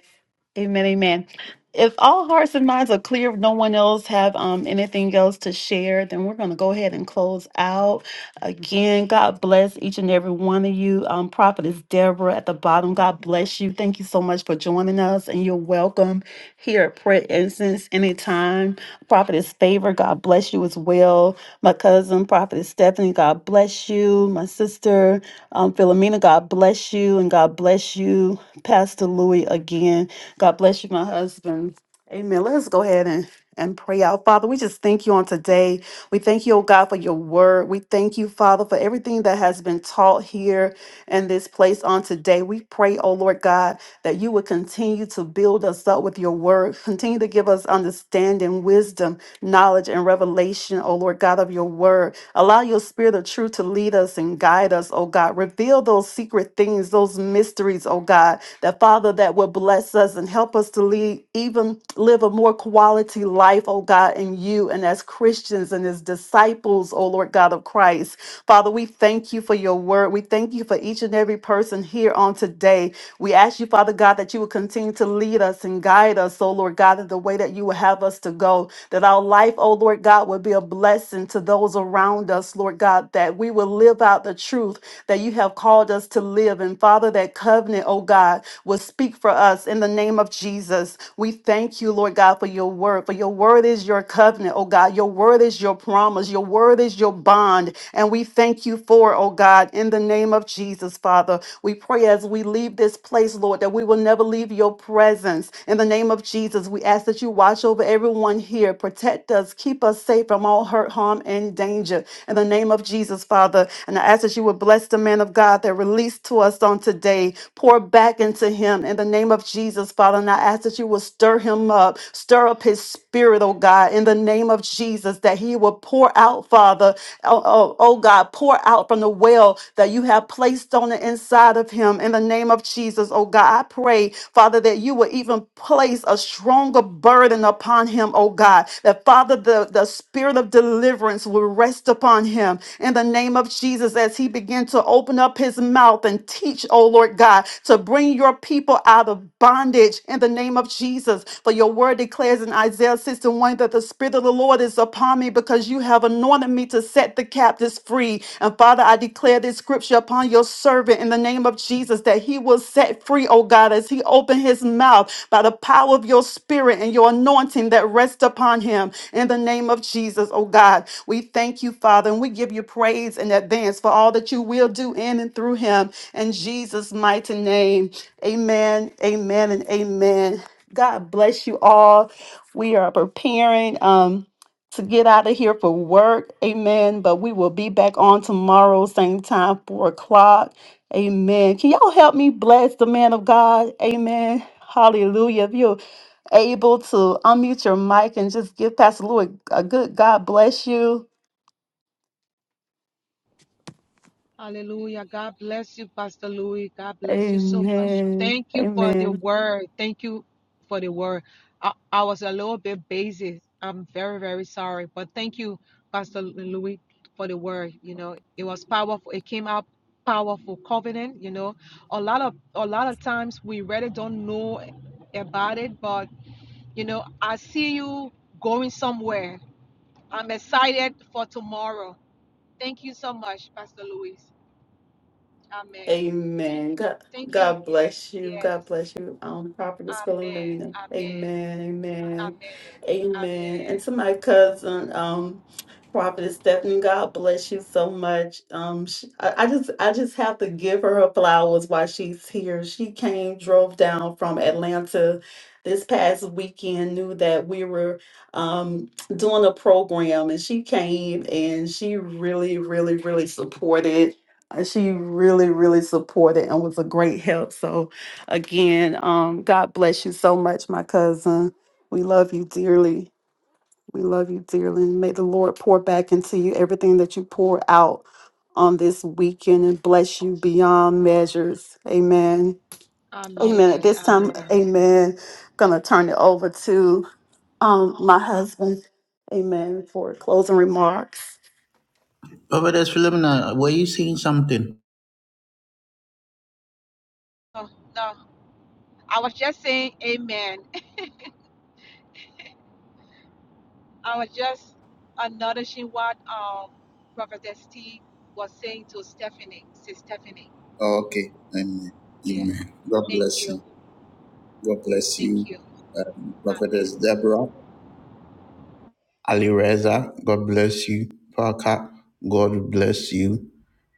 S4: Amen. Amen. If all hearts and minds are clear, if no one else have um, anything else to share, then we're going to go ahead and close out. Again, God bless each and every one of you. Um, Prophetess Deborah at the bottom, God bless you. Thank you so much for joining us, and you're welcome here at Prayer Instance anytime. Prophetess Favor, God bless you as well. My cousin, Prophetess Stephanie, God bless you. My sister, um, Philomena, God bless you, and God bless you Pastor Louis again. God bless you, my husband. Amen. Let's go ahead and, and pray out. Father, we just thank you on today. We thank you, oh God, for your word. We thank you, Father, for everything that has been taught here in this place on today. We pray, oh Lord God, that you would continue to build us up with your word, continue to give us understanding, wisdom, knowledge and revelation, O Lord God, of your word. Allow your spirit of truth to lead us and guide us, O God. Reveal those secret things, those mysteries, O God, that Father, that will bless us and help us to lead, even live a more quality life, O God, in you and as Christians and as disciples, O Lord God of Christ. Father, we thank you for your word. We thank you for each and every person here on today. We ask you, Father God, that you will continue to lead us and guide us, O Lord God, in the way that you will have us to go that our life, oh Lord God, would be a blessing to those around us, Lord God, that we will live out the truth that you have called us to live. And Father, that covenant, oh God, will speak for us in the name of Jesus. We thank you, Lord God, for your word. For your word is your covenant, oh God. Your word is your promise. Your word is your bond. And we thank you for, it, oh God, in the name of Jesus, Father. We pray as we leave this place, Lord, that we will never leave your presence. In the name of Jesus, we ask that you watch over everyone here. Protect us, keep us safe from all hurt, harm, and danger. In the name of Jesus, Father. And I ask that you would bless the man of God that released to us on today. Pour back into him in the name of Jesus, Father. And I ask that you will stir him up, stir up his spirit, oh God, in the name of Jesus, that he will pour out, Father. Oh, oh, oh God, pour out from the well that you have placed on the inside of him in the name of Jesus. Oh God, I pray, Father, that you will even place a stronger burden upon him, oh God, that Father, the, the spirit of deliverance will rest upon him in the name of Jesus as he began to open up his mouth and teach, oh Lord God, to bring Bring your people out of bondage in the name of Jesus. For your word declares in Isaiah 61 that the Spirit of the Lord is upon me because you have anointed me to set the captives free. And Father, I declare this scripture upon your servant in the name of Jesus that he will set free, oh God, as he opened his mouth by the power of your spirit and your anointing that rests upon him in the name of Jesus, oh God. We thank you, Father, and we give you praise in advance for all that you will do in and through him in Jesus' mighty name. Amen, amen, and amen. God bless you all. We are preparing um to get out of here for work. Amen. But we will be back on tomorrow, same time, four o'clock. Amen. Can y'all help me bless the man of God? Amen. Hallelujah. If you're able to unmute your mic and just give Pastor Louis a good God bless you.
S5: Hallelujah. God bless you, Pastor Louis. God bless you so much.
S4: Amen.
S5: Thank you for the
S4: Amen.
S5: word. Thank you for the word. I, I was a little bit busy. I'm very, very sorry. But thank you, Pastor Louis, for the word. You know, it was powerful. It came out powerful covenant, you know. A lot of a lot of times we really don't know about it, but you know, I see you going somewhere. I'm excited for tomorrow. Thank you so much, Pastor Louis. Amen.
S4: Amen. God,
S5: Thank you.
S4: God bless you.
S5: Yes.
S4: God bless you. Um, Prophetess
S5: Amen.
S4: Philomena.
S5: Amen.
S4: Amen. Amen.
S5: Amen.
S4: Amen.
S5: Amen.
S4: And to my cousin, um, Prophetess Stephanie, God bless you so much. Um, sh I, I just, I just have to give her her flowers while she's here. She came, drove down from Atlanta this past weekend, knew that we were um doing a program, and she came and she really, really, really supported. Uh, She really, really supported and was a great help. So, again, um, God bless you so much, my cousin. We love you dearly. We love you dearly. And may the Lord pour back into you everything that you pour out on this weekend and bless you beyond measures. Amen. Amen. At
S5: Amen.
S4: this time,
S5: Amen.
S4: amen. Gonna turn it over to um my husband. Amen. For closing remarks.
S1: Prophetess Philomena, were you saying something?
S5: Oh, no, I was just saying amen. I was just acknowledging what um Prophetess T was saying to Stephanie, Sis Stephanie.
S1: Oh, Okay. Amen.
S5: Yeah.
S1: Amen. God
S5: Thank
S1: bless
S5: you.
S1: you. God bless you.
S5: Thank you. Amen.
S1: Prophetess Deborah. Ali Reza. God bless you. Parker. God bless you.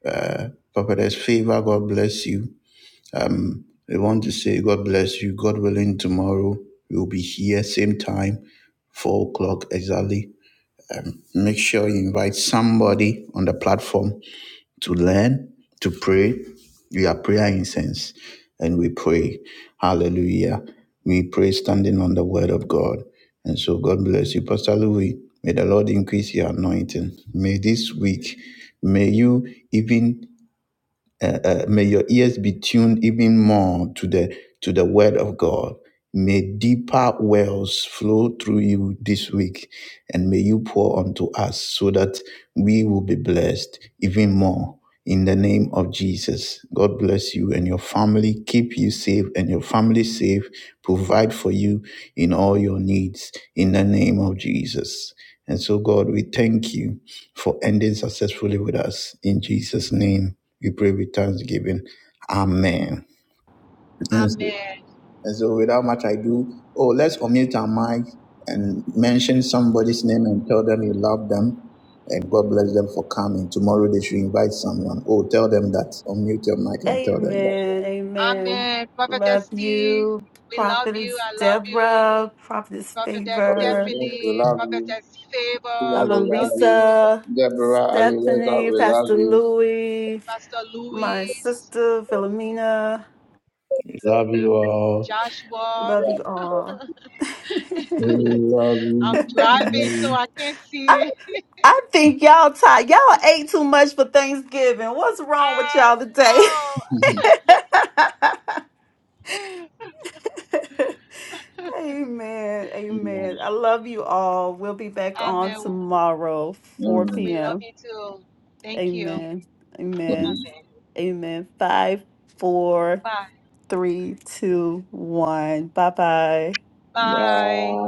S1: Uh, Prophetess Favor. God bless you. We want to say God bless you. God willing, tomorrow we'll be here, same time, 4 o'clock exactly. Make sure you invite somebody on the platform to learn, to pray. We are prayer incense and we pray. Hallelujah. We pray standing on the word of God. And so God bless you, Pastor Louis. May the Lord increase your anointing. May this week, may you even uh, uh, may your ears be tuned even more to the to the word of god may deeper wells flow through you this week and may you pour onto us so that we will be blessed even more in the name of jesus god bless you and your family keep you safe and your family safe provide for you in all your needs in the name of jesus and so god we thank you for ending successfully with us in jesus name we pray with thanksgiving. Amen. And so,
S5: Amen.
S1: and so without much ado, oh, let's unmute our mic and mention somebody's name and tell them you love them and God bless them for coming. Tomorrow they should invite someone. Oh, tell them that. Unmute your mic and tell them
S4: Amen. Amen.
S5: Amen.
S4: Love
S5: Prophetess T,
S4: you,
S5: we love you.
S4: Prophetess
S5: I love you.
S4: Deborah, Prophetess
S5: Prophetess
S4: Favor,
S5: Stephanie, Prophetess Favor,
S4: uh,
S5: I love you.
S4: Larissa, Stephanie, Pastor Louis,
S5: Pastor
S4: my
S5: Louis.
S4: sister Philomena.
S5: Joshua.
S4: Love you all.
S5: I'm
S4: I,
S5: driving,
S1: that.
S5: so I can't see it.
S4: I think y'all tired. Y'all ate too much for Thanksgiving. What's wrong with
S5: I
S4: y'all today?
S5: know.
S4: Amen. Amen. I love you all. We'll be back on
S5: Amen.
S4: tomorrow, 4
S5: We love
S4: p.m.
S5: you too. Thank you.
S4: Amen. Amen.
S5: Amen.
S4: Amen. Five, four,
S5: Bye.
S4: three, two, one. Bye bye.
S5: Bye.